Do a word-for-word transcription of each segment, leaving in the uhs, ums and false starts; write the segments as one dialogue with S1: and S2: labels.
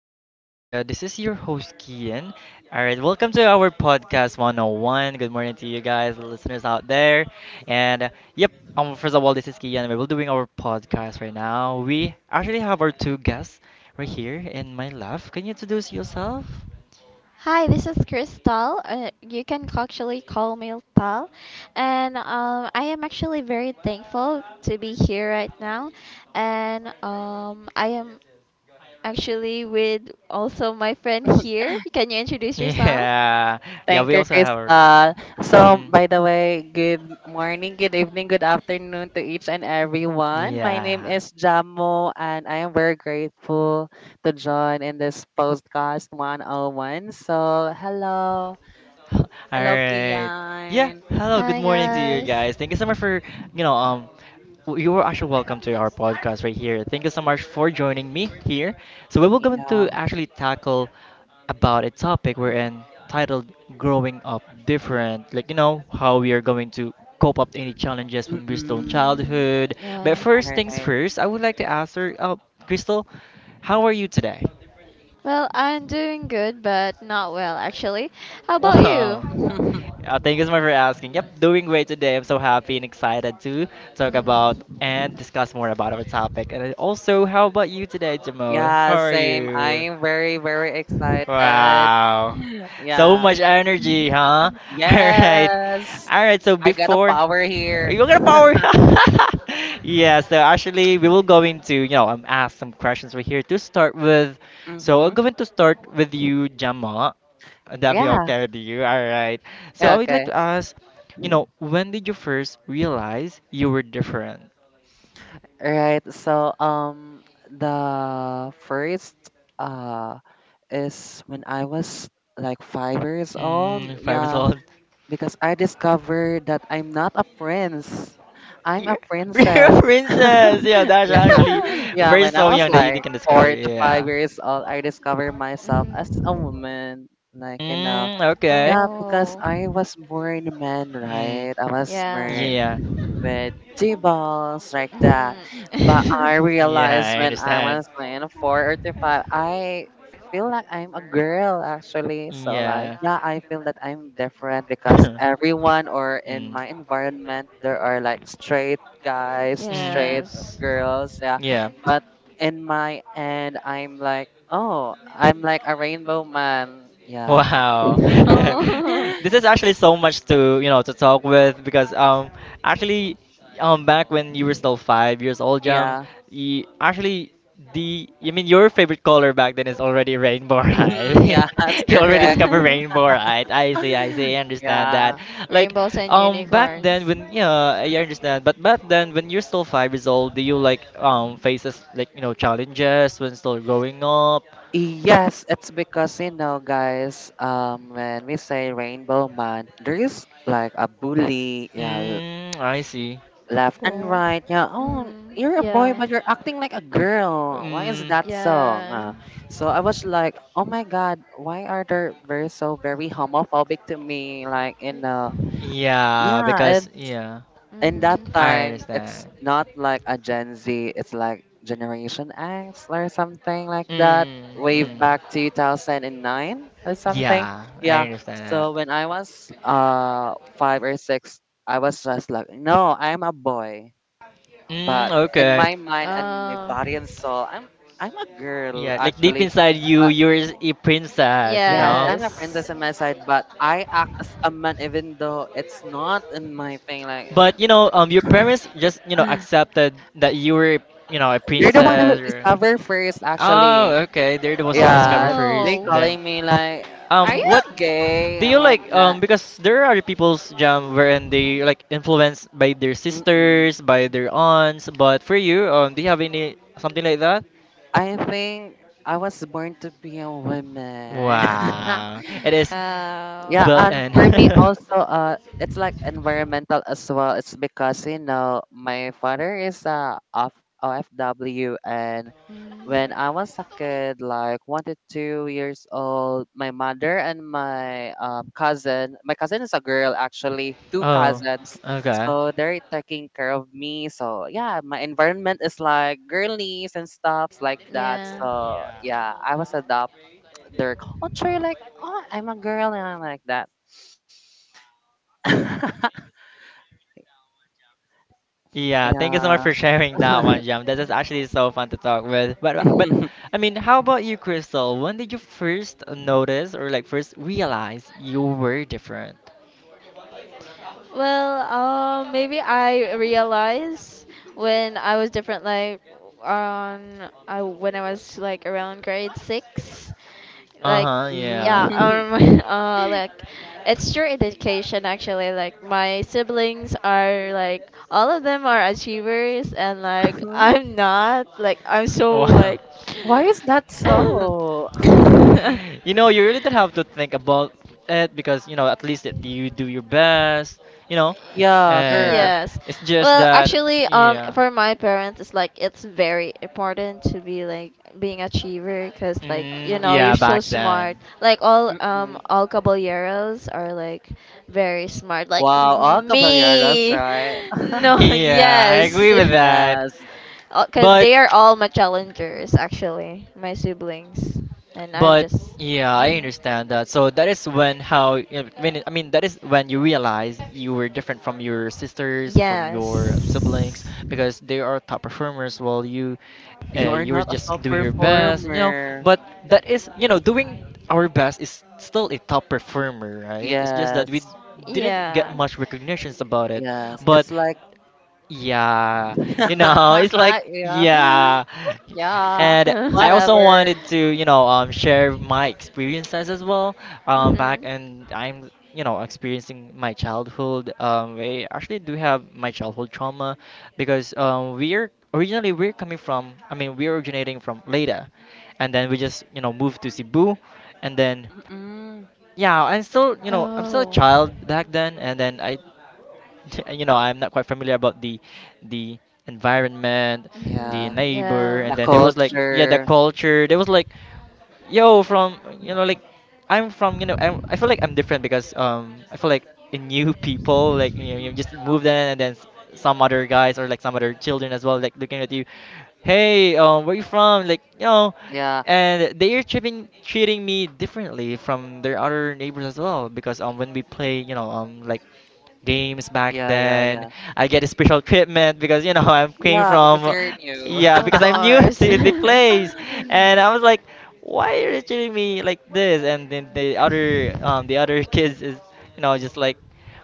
S1: in your area. This is your host, Kian. All right, welcome to our podcast one oh one. Good morning to you guys, the listeners out there. And uh, yep, um, first of all, this is Kian. We're doing our podcast right now. We actually have our two guests right here in my left. Can you introduce yourself?
S2: Hi, this is Crystal. Uh, you can actually call me Tal. And um, I am actually very thankful to be here right now. And um, I am actually with also my friend here. Can you introduce yourself?
S1: Yeah, yeah,
S3: Thank
S1: we
S3: you,
S1: also have our name.
S3: Crystal. So,
S1: Mm.
S3: by the way, good morning, good evening, good afternoon to each and everyone. My name
S1: Yeah.
S3: is Jamo, and I am very grateful to join in this podcast one oh one. So, hello.
S1: All
S3: Hello,
S1: right. Yeah.
S3: Kian.
S1: Hello. Good
S2: Hi,
S1: morning to you
S2: guys.
S1: guys. Thank you so much for, you know, um, w- You are actually welcome to our podcast right here. Thank you so much for joining me here. So we will going to
S3: Yeah.
S1: actually tackle about a topic we're in titled "Growing Up Different." Like you know how we are going to cope up any challenges when we're still in
S3: Mm-mm.
S1: childhood.
S2: Mhm,
S1: But
S2: yeah.
S3: All
S1: first things
S3: right.
S1: first, I would like to ask her, uh, Crystal, how are you today?
S2: Well, I'm doing good, but not well, actually. How about you?
S1: Wow. Uh, thank you so much for asking. Yep, doing great today. I'm so happy and excited to talk about and discuss more about our topic. And also, how about you today, Jamo? How
S3: yeah,
S1: are
S3: same. I
S1: you?
S3: am very, very excited.
S1: Wow. So
S3: Yeah.
S1: much energy, huh? All right.
S3: Yes,
S1: All right, so
S3: I got a
S1: before
S3: power here.
S1: you're gonna power Yeah, so actually we will go into, you know, um, ask some questions right here to start with. So I'm
S3: Mm-hmm.
S1: going to start with you, Jama. That'd be
S3: Yeah.
S1: okay with you. All right. So I would like
S3: Okay.
S1: to ask, you know, when did you first realize you were different?
S3: Right. So um the first uh is when I was like five years old.
S1: Mm, five years
S3: Yeah,
S1: old.
S3: because I discovered that I'm not a prince. I'm a
S1: You're, you're
S3: princess.
S1: a princess. Yeah, that's
S3: Yeah.
S1: actually
S3: Yeah,
S1: very
S3: when I
S1: so
S3: was
S1: young that you
S3: like
S1: can discover.
S3: four to five
S1: Yeah.
S3: years old, I discovered myself as a
S2: Mhm.
S3: woman. Like, you know,
S1: Mm, okay.
S3: yeah, because
S2: Oh,
S3: I was born a man,
S1: Mm.
S3: right? I was born
S2: yeah.
S1: Yeah.
S3: with two balls like that.
S2: Mhm.
S3: But I
S1: Yeah,
S3: realized
S1: I
S3: when I
S1: understand.
S3: was in four or five, I feel like I'm a girl actually. So like
S1: Yeah. Yeah,
S3: yeah, I feel that I'm different because everyone or in
S1: mm.
S3: my environment there are like straight
S1: Like
S3: guys, straight
S1: hmm,
S2: Yes.
S3: girls, yeah.
S1: yeah.
S3: But in my end I'm like, oh, I'm like a rainbow man. Yeah.
S1: Wow. This is actually so much to, you know, to talk with because um actually um back when you were still five years old, Jam,
S3: Yeah.
S1: you actually the I mean your favorite color back then is already rainbow,
S3: Mhm,
S1: right?
S3: yeah, that's
S1: You already
S3: correct.
S1: discovered rainbow, right? I see, I see, I understand that.
S3: Yeah.
S1: Like
S2: Rainbows and
S1: um back then
S2: unicorns.
S1: when yeah, I understand. But back then when you're still five years old, do you like um faces like you know challenges when still growing up?
S3: Yes, it's because you know, guys, um, when we say rainbow man, there is like a bully, yeah, l-
S1: Mm, I see.
S3: left and
S2: Cool.
S3: right. Yeah, oh,
S2: Mhm.
S3: you're a boy,
S2: Yeah.
S3: but you're acting like a girl. Why is
S1: Mm.
S3: that song?
S2: Yeah.
S3: Uh, so I was like, oh my god, why are they very so very homophobic to me? Like, you know,
S1: Yeah,
S3: yeah,
S1: because yeah,
S3: in that
S1: I
S3: time
S2: Mhm.
S3: it's
S1: understand.
S3: not like a gen z, it's like generation x or something like that,
S1: Mm,
S3: wave
S1: mm.
S3: back two thousand nine or something.
S1: Yeah, I
S3: Yeah,
S1: understand that.
S3: so when i was uh five or six, I was just like, no, I'm a boy,
S1: Mm,
S3: but in
S1: okay.
S3: my mind and my
S2: Oh.
S3: body and soul, i'm i'm a girl
S1: Yeah, like deep
S3: actually.
S1: inside you,
S3: But
S1: you're a princess, you
S3: yes,
S1: know?
S3: I'm a princess
S2: Yes.
S3: in my side, but I act as a man even though it's not in my thing, like
S1: You know, um, your parents just you know accepted that you were you know a
S3: You're the one who
S1: princess or.
S3: discovered first,
S1: Oh,
S3: actually.
S1: okay. They're the ones who discover
S3: Yeah, they
S1: first.
S2: Oh.
S1: Then,
S3: calling me like, "Are
S1: um,
S3: you
S1: what
S3: gay?"
S1: do
S3: and
S1: you
S3: like
S1: like? Um,
S3: that.
S1: because there are people's jam wherein they like influenced by their
S3: Mm-mm.
S1: sisters, by their aunts. But for you, um, do you have any something like that?
S3: I think I was born to be a
S1: Woman.
S3: woman.
S1: Wow. It is
S3: Yeah,
S2: Wow.
S1: built
S3: and
S1: in.
S3: for me also, uh, it's like
S1: Two.
S3: environmental as well. It's because you know my father is a F- O F W, and when I was a kid, like one to two years old, my mother and my um, cousin, my cousin is a girl actually, two
S1: Oh,
S3: cousins,
S1: okay. The
S3: so they're taking care of me. So yeah, my environment is like girlies and stuffs like that.
S2: Mm,
S3: So
S2: yeah.
S3: yeah, I was adopt their culture like oh I'm a girl and I'm like that.
S1: Yeah, thank you so much
S3: Yeah.
S1: for sharing that one, Jam. This is actually so fun to talk with. But but I mean, how about you, Crystal? When did you first notice or like first realize you were different?
S2: Well, um, maybe I realized when I was different, like, um, I when I was like around grade six, like
S1: Uh-huh,
S2: yeah
S1: yeah.
S3: Mhm.
S2: um uh like it's your education actually, like my siblings are like all of them are achievers and like I'm not, like I'm so like
S1: Wow.
S3: Why is that so?
S1: You know, you really don't have to think about it because, you know, at least it, you do your best, you know,
S3: Yeah,
S1: and
S3: correct.
S2: Yes,
S1: it's just
S2: well,
S1: that,
S2: actually, um,
S1: yeah.
S2: for my parents, it's like it's very important to be like being achiever, cause like
S1: Mm,
S2: you know you're
S1: yeah,
S2: so
S1: back
S2: smart.
S1: then.
S2: Like all um
S3: Mm-mm.
S2: all caballeros are like very smart. Like
S3: Wow, all caballeros,
S2: me,
S3: right?
S2: no,
S1: Yeah, I
S2: yes,
S1: agree with
S3: Yes,
S1: that.
S2: Uh, cause
S1: But
S2: they are all my challengers actually, my siblings, and I'm
S1: But
S2: just.
S1: yeah, I
S2: Mhm.
S1: understand that. So that is when how you know, when I mean that is when you realize you were different from your sisters, from your siblings,
S2: Yes.
S1: because they are top performers while you uh,
S3: you're
S1: you were
S3: not a
S1: just
S3: top
S1: doing your best, you know.
S3: performer.
S1: But that is you know doing our best is still a top performer, right? It's just that we
S3: Yes,
S1: didn't get
S2: Yeah.
S1: much recognitions about it,
S3: yes.
S1: but
S3: It's like,
S1: yeah, you know, it's like
S3: yeah,
S1: yeah.
S3: yeah,
S1: And I also
S3: whatever.
S1: wanted to, you know, um, share my experiences as well. Um, back and I'm, you know, experiencing my childhood. Um, we actually do have my childhood trauma because um, we're originally we're coming from. I mean, we're originating from Leyte, and then we just, you know, moved to Cebu, and then
S3: Mm-mm.
S1: yeah, I'm still, you know, I'm still a child back then, and then I you know I'm not quite familiar about the the environment the
S3: Yeah,
S1: neighbor
S3: the
S1: and then there was like yeah the
S3: culture.
S1: culture. There was like yo from you know like I'm from you know I'm, I feel like I'm different because um I feel like in new people like you know you just moved in and then s- some other guys or like some other children as well like looking at you hey um where you from like you know
S3: Yeah,
S1: and they are treating treating me differently from their other neighbors as well because um when we play you know um like games back
S3: yeah, yeah,
S1: then.
S3: yeah.
S1: I get a special treatment because you know I came
S3: Yeah, because
S1: from
S3: you're new.
S1: yeah
S2: it
S1: because I'm new
S2: course.
S1: to the place, and I was like, why are you treating me like this? And then the other um the other kids is you know just like,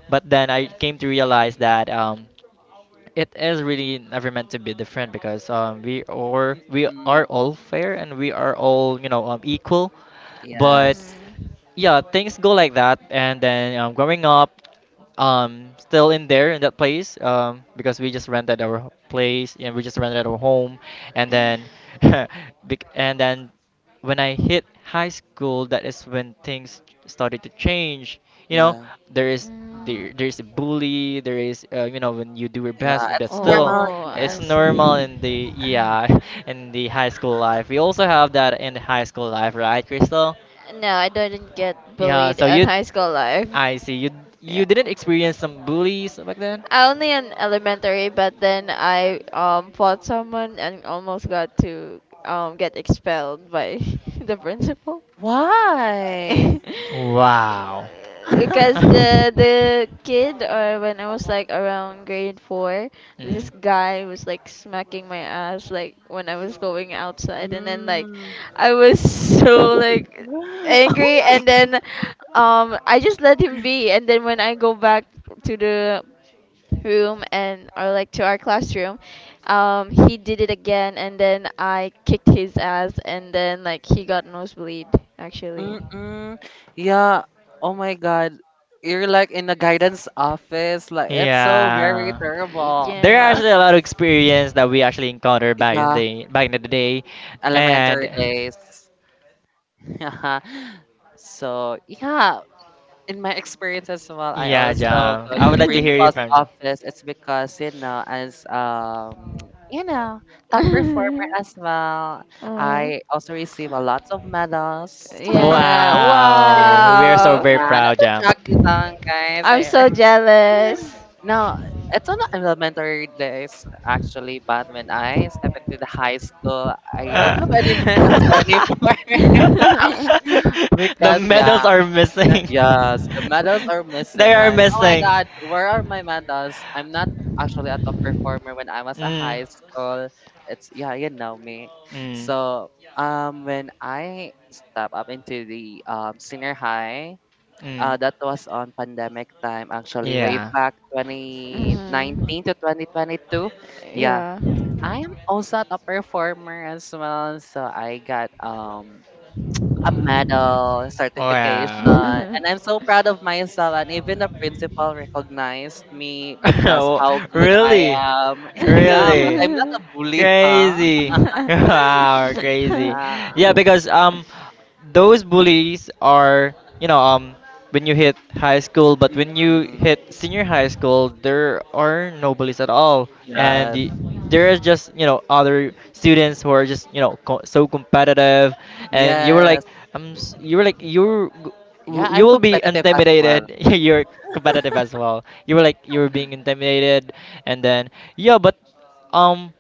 S1: but then I came to realize that um it is really never meant to be different because um we are we
S3: Mm,
S1: are all fair and we are all you know um equal, but
S3: yes,
S1: yeah things go like that and then um, growing up um still in there in that place um because we just rented our place and we just rented our home and then bec- and then when I hit high school, that is when things started to change. You know,
S3: yeah.
S1: there is
S2: Mm.
S1: there there's a bully, there is uh, you know when you do your best,
S3: Yeah,
S1: but
S3: it's
S1: still,
S3: normal
S2: Oh, I
S3: here.
S1: it's normal in
S2: see.
S1: the yeah in the high school life. We also have that in the high school life, right, Crystal?
S2: No, I didn't get
S1: Yeah.
S2: bullied
S1: So
S2: in
S1: you,
S2: high school life.
S1: I see you you
S2: Yeah.
S1: didn't experience some bullies back then.
S2: Only in elementary, but then I um fought someone and almost got to um get expelled by the principal.
S3: Why?
S1: Wow.
S2: Because the the kid or when I was like around grade four, this
S1: Mm.
S2: guy was like smacking my ass like when I was going outside and then like
S3: Mm.
S2: I was so like
S3: Oh
S2: angry
S3: my.
S2: and then um I just let him be and then when I go back to the room and or like to our classroom um he did it again and then I kicked his ass and then like he got nosebleed actually.
S3: Mm-mm. Yeah. Oh my God. You're like in the guidance office. Like it's so very
S1: Yeah.
S3: terrible.
S1: There are
S2: Yes.
S1: actually a lot of experience that we actually encountered back in
S3: Yeah.
S1: the back in the day, and
S3: Elementary days. Yeah. So yeah. In my experience as well, I
S1: yeah,
S3: also
S1: yeah.
S3: go
S1: I
S3: to
S1: would like to hear you
S3: principal's
S1: from you.
S3: office. It's because you know, as um, you know, top performer as well.
S2: Oh.
S3: I also receive a lot of medals.
S2: Yeah,
S1: Wow, we are so
S2: wow.
S1: very
S3: Yeah, not
S1: proud,
S3: to
S1: Jam.
S3: drag you down, guys.
S2: I'm
S3: Here.
S2: so jealous.
S3: No, it's on the elementary days actually, but when I step into the high school, I don't have any medals anymore.
S1: The
S3: Because
S1: medals
S3: yeah,
S1: are
S3: me-
S1: missing.
S3: yes, the medals are
S1: They
S3: missing.
S1: are
S3: Like, oh my
S1: missing.
S3: god, where are my medals? I'm not actually a top performer when I was a
S1: Mm.
S3: high school. It's yeah, you know me.
S1: Mm.
S3: So um, when I step up into the um senior high,
S1: Mm.
S3: uh, that was on pandemic time actually, way
S1: Yeah.
S3: back
S2: Mhm.
S3: twenty nineteen to twenty twenty-two. Yeah,
S2: Yeah.
S3: I am also a top performer as well. So I got um a medal, certification,
S1: Wow.
S3: and I'm so proud of myself. And even the principal recognized me because
S1: Oh,
S3: how good I
S1: really?
S3: am. Yeah, but
S1: Really?
S3: I'm not a bully, huh?
S1: Crazy. Wow, crazy.
S3: Yeah.
S1: Yeah, because um those bullies are you know um when you hit high school but when you
S3: Mm-mm.
S1: hit senior high school there are no bullies at all and
S3: Yes.
S1: the, there is just you know other students who are just you know co- so competitive and you were like
S3: Yes.
S1: um s- you were like you're
S3: Yeah,
S1: you
S3: I'm
S1: will be
S3: competitive as well.
S1: intimidated you're competitive as well you were like you were being intimidated and then yeah but um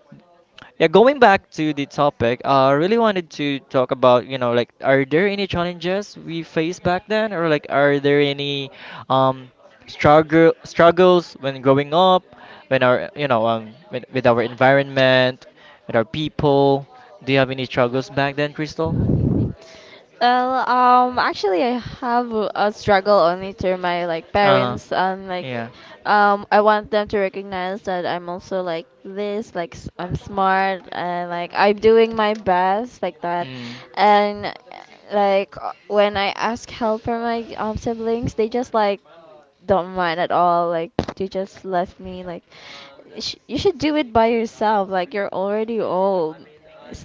S1: yeah, going back to the topic, uh, I really wanted to talk about, you know, like, are there any challenges we faced back then, or like, are there any um, struggle struggles when growing up, when our, you know, um, with, with our environment, with our people? Do you have any struggles back then, Crystal?
S2: Well, um, actually, I have a struggle only through my like
S1: Uh,
S2: parents and like,
S1: yeah.
S2: um, I want them to recognize that I'm also like this, like s- I'm smart and like I'm doing my best like that,
S1: Mm.
S2: and like uh, when I ask help from my um siblings, they just like don't mind at all. Like they just left me. Like sh- you should do it by yourself. Like you're already old.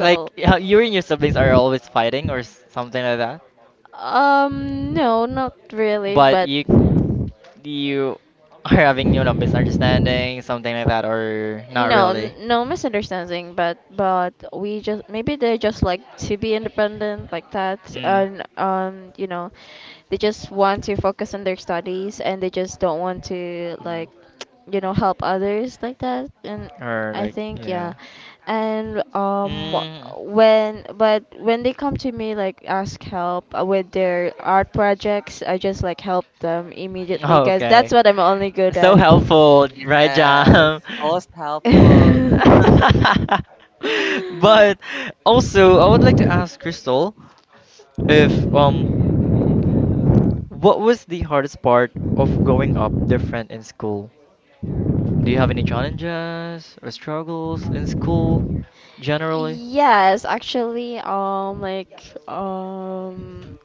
S1: Like y- how you and your siblings are always fighting or s- something like that,
S2: um no, not really,
S1: but
S2: but.
S1: you you are
S2: I think
S1: having, you know,
S2: it's
S1: misunderstanding, something like that, or not
S2: No,
S1: really?
S2: n- no misunderstanding, but but we just maybe they just like to be independent like that,
S1: Mm.
S2: and um, you know, they just want to focus on their studies and they just don't want to
S1: Mm.
S2: like you know help others like that and
S1: Or
S2: I
S1: like,
S2: think yeah
S1: yeah.
S2: and um
S1: Mm.
S2: when but when they come to me like ask help uh, with their art projects I just like help them immediately because
S1: Okay.
S2: that's what I'm only good
S1: So
S2: at.
S1: helpful, right,
S3: Yes.
S1: Jam?
S3: Most helpful.
S1: But also, I would like to ask Crystal if um What was the hardest part of growing up different in school? Do you have any challenges or struggles in school generally?
S2: Yes, actually, um, like, um,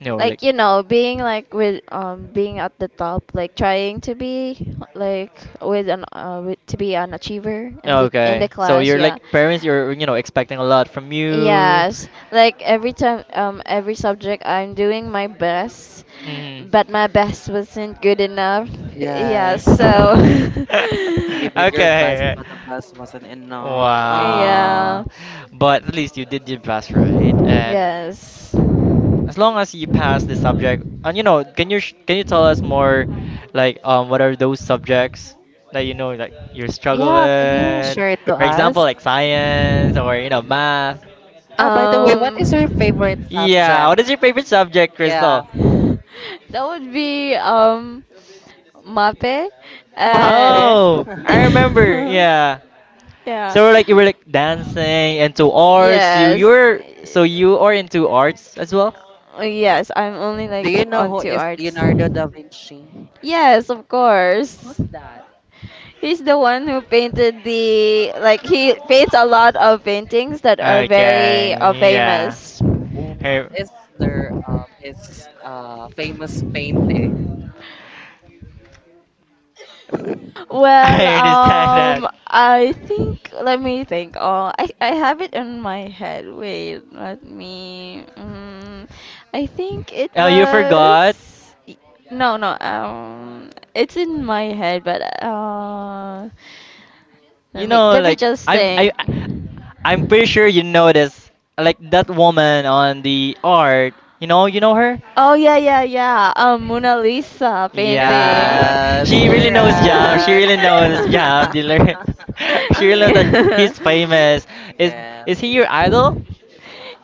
S1: No, like
S2: like you know being like with um being at the top like trying to be like with an uh with, to be an achiever in the in the
S1: okay. So
S2: class
S1: you're
S2: yeah
S1: like parents. You're you know expecting a lot from you.
S2: yes like every time um every subject I'm doing my best
S1: Mm.
S2: but my best wasn't good enough. Yeah
S3: Yes.
S2: so
S3: You did your best,
S1: Okay.
S3: but the best wasn't enough. Oh.
S2: yeah.
S1: Wow. But at least you did your best, right? And
S2: Yes. As long
S1: as long as you pass the subject, and you know, can you sh- can you tell us more, like um, what are those subjects that you know like you struggle
S3: Yeah, can you
S1: with?
S3: share it to
S1: For
S3: us?
S1: example, like science or you know math.
S3: Ah, by the way, what
S2: math.
S3: is your favorite
S2: Um,
S1: Yeah,
S3: subject?
S1: what is your favorite subject,
S3: Yeah.
S1: Crystal?
S2: that would be um, Mape. Uh,
S3: Mape,
S1: Oh, I remember. Yeah.
S2: Yeah.
S1: So we're like you were like dancing into arts. You
S2: Yes.
S1: you're so you are into arts as well.
S2: Uh, Yes, I'm only
S3: do
S2: like
S3: you know who
S2: onto
S3: is
S2: arts.
S3: Leonardo da Vinci?
S2: Yes, of
S3: Who's
S2: course.
S3: that?
S2: He's the one who painted the like he paints a lot of paintings that are very uh,
S1: Okay. Yeah.
S2: famous.
S3: Who
S1: Hey,
S3: is their um his uh famous painting?
S2: Well,
S1: I understand that.
S2: um, I think, let me think. Oh, I, I have it in my head. Wait, let me. Um, I think it.
S1: Oh, you
S2: Have you forgot?
S1: forgot?
S2: Was. Y- No, no. Um, it's in my head, but uh, let
S1: You
S2: me
S1: know,
S2: let me
S1: like
S2: just
S1: I'm I
S2: think.
S1: I- I'm pretty sure you know this. Like that woman on the art. You know, you know her?
S2: Oh yeah, yeah, yeah. Um, Mona Lisa painting.
S1: Yeah,
S3: Yes,
S1: she really knows Jam. She
S3: correct.
S1: really knows Jam dealer. She really knows that he's famous. Is is he
S3: Yes.
S1: your idol?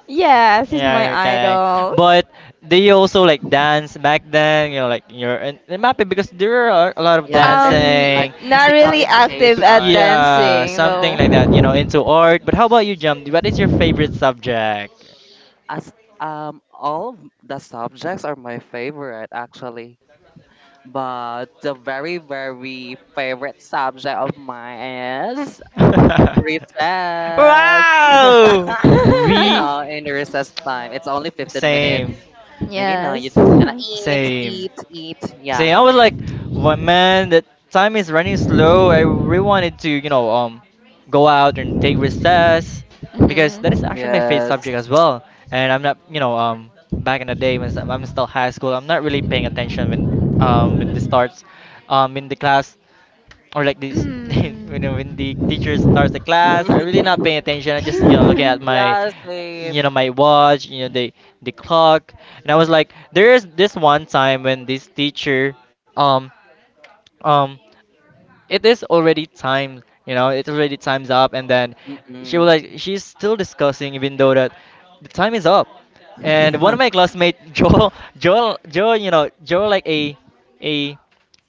S2: Yes, he's
S1: Yeah,
S2: my
S1: okay.
S2: idol.
S1: But do you also like dance back then? You know, like you're in, in MAPE because there are a lot of
S3: Yeah, there's a,
S2: Um,
S1: dancing.
S3: like
S2: not
S3: physical
S1: um,
S2: really active
S1: p-
S2: at
S3: education.
S1: Yeah,
S2: dancing
S1: something
S2: though.
S1: like
S3: Yes.
S1: that, you know, into art. But how about you, Jump? What is your favorite subject?
S3: As um all of the subjects are my favorite actually. But the very, very favorite subject of mine is recess.
S1: Wow!
S3: You
S1: We.
S3: know, in the recess time, it's only fifteen minutes.
S1: Same,
S3: And you know, you
S2: Yes.
S3: just gonna
S2: Mhm.
S3: eat,
S1: same.
S3: eat, eat.
S1: See,
S3: Yeah.
S1: I was like, "What, man, the time is running slow. I really wanted to, you know, um, go out and take recess because that is actually my favorite
S3: Yes.
S1: subject as well. And I'm not, you know, um, back in the day when I'm still high school, I'm not really paying attention when, um, when this starts, um, in the class or like this you know when the
S2: Mm.
S1: teacher starts the class, I'm really not paying attention. I just, you know, looking at my,
S3: yeah, same.
S1: you know, my watch, you know, the the clock. And I was like, there is this one time when this teacher um um it is already time, you know, it's already time's up, and then she was
S3: Mm-mm.
S1: like, she's still discussing, even though that the time is up. And one of my classmates, Joel, Joel, Joel, you know, Joel, like a, a,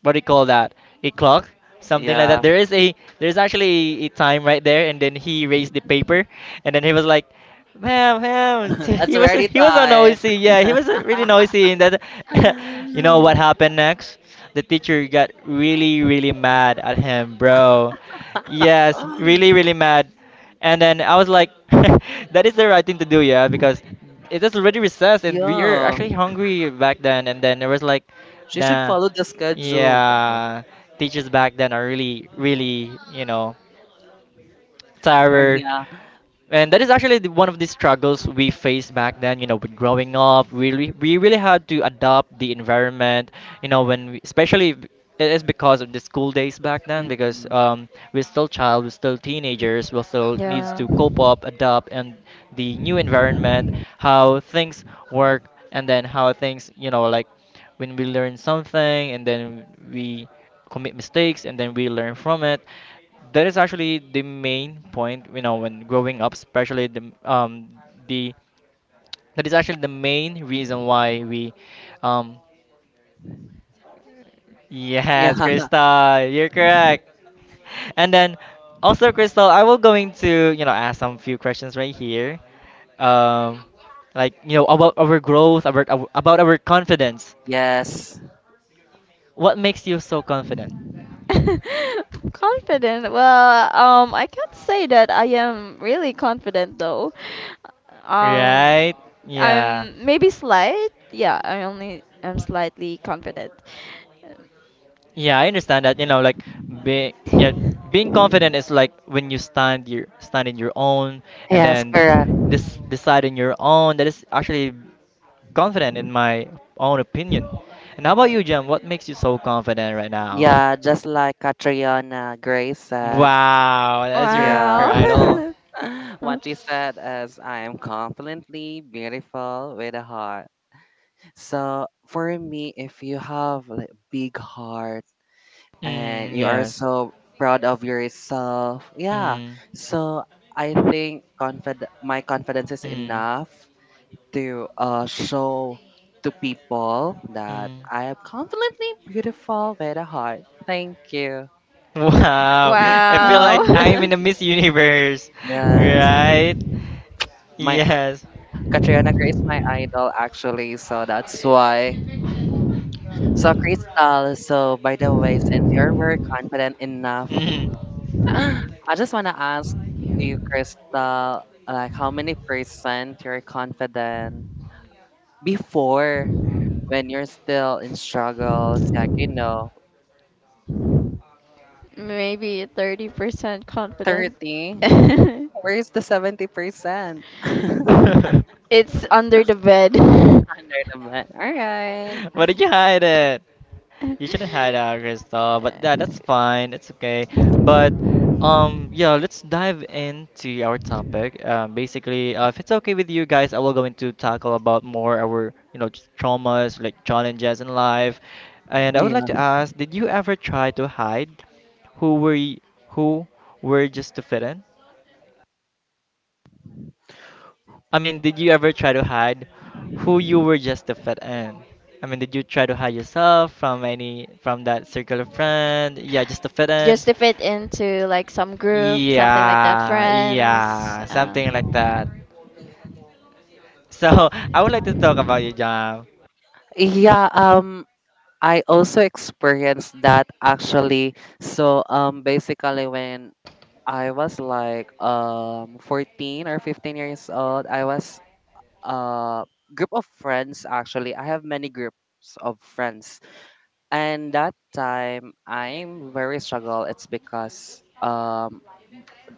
S1: what do you call that? A clock, something like
S3: yeah.
S1: that. There is a, there's actually a, a time right there, and then he raised the paper, and then he was like, ma'am, ma'am,
S3: It's
S1: he was,
S3: already
S1: he was so
S3: time.
S1: noisy, yeah, he was uh, really noisy, and that you know what happened next? The teacher got really, really mad at him, bro. Yes, really, really mad. And then I was like, that is the right thing to do, yeah, because it is already recess and we are
S3: yeah.
S1: actually hungry back then. And then there was like,
S3: She should
S1: nah,
S3: follow the schedule, bro.
S1: yeah, teachers back then are really, really, you know,
S3: Or
S1: terror.
S3: yeah.
S1: And that is actually the, one of the struggles we faced back then. You know, with growing up, we really, we really had to adopt the environment. You know, when we, especially b- it is because of the school days back then, because
S3: Mm-mm.
S1: um, we're still child, we're still teenagers, we still needs
S2: yeah.
S1: to cope up, adapt, and the new environment, how things work, and then how things, you know, like when we learn something and then we commit mistakes and then we learn from it. That is actually the main point, you know, when growing up, especially the um the that is actually the main reason why we um
S3: Yeah.
S1: yes Krista you're correct. And then also, Crystal, I will going to, you know, ask some few questions right here, um like, you know, about our growth, about our, about our confidence.
S3: Yes.
S1: What makes you so confident?
S2: Confident. Well, um, I can't say that I am really confident though. Um,
S1: Right? Yeah.
S2: I'm maybe slight. Yeah, I only am slightly confident.
S1: Yeah, I understand that. You know, like being yeah, being confident is like when you stand your stand in your own, and
S3: Yes,
S1: then
S3: correct.
S1: this decide in your own. That is actually confident in my own opinion. And how about you, Jem? What makes you so confident right now?
S3: Yeah, just like Catriona Gray said.
S1: Wow, that's your her
S3: Yeah.
S1: idol.
S2: Wow.
S3: What she said is I am confidently beautiful with a heart. So for me, if you have like big heart and
S1: Mm,
S3: you are
S1: yes.
S3: so proud of yourself, yeah. So I think confid my confidence is
S1: Mm.
S3: enough to uh show to people that
S1: Mm.
S3: I am confidently beautiful with a heart. Thank you.
S1: Wow, I feel
S2: Wow.
S1: like I'm in a Miss Universe,
S3: Yes.
S1: right?
S3: My
S1: Yes.
S3: Katrina Gray is my idol actually, so that's why. So Crystal, so by the way, since you're very confident enough,
S1: Hmm.
S3: I just wanna ask you, Crystal, like how many percent you're confident before when you're still in struggles, like you know,
S2: Maybe thirty percent confident.
S3: thirty. Where's the seventy percent?
S2: It's under the bed.
S3: All right.
S1: Where did you hide it? You shouldn't hide out, Crystal, but yeah, that's fine. It's okay. But um, yeah, let's dive into our topic. Um, basically, uh, if it's okay with you guys, I will go into tackle about more our, you know, just traumas, like challenges in life. And I would like
S3: Yeah.
S1: to ask, did you ever try to hide who were y- who were just to fit in? I mean, did you ever try to hide who you were just to fit in? I mean, did you try to hide yourself from any from that circle of friend? Yeah, just to fit
S2: Just
S1: in.
S2: to fit into like some group, something like that,
S1: Yeah,
S2: friends.
S1: yeah,
S2: Uh,
S1: something like that. So I would like to talk about you, John.
S3: Yeah. Um. I also experienced that actually. So um basically when I was like um fourteen or fifteen years old, I was a group of friends actually. I have many groups of friends. And that time I'm very struggle. It's because um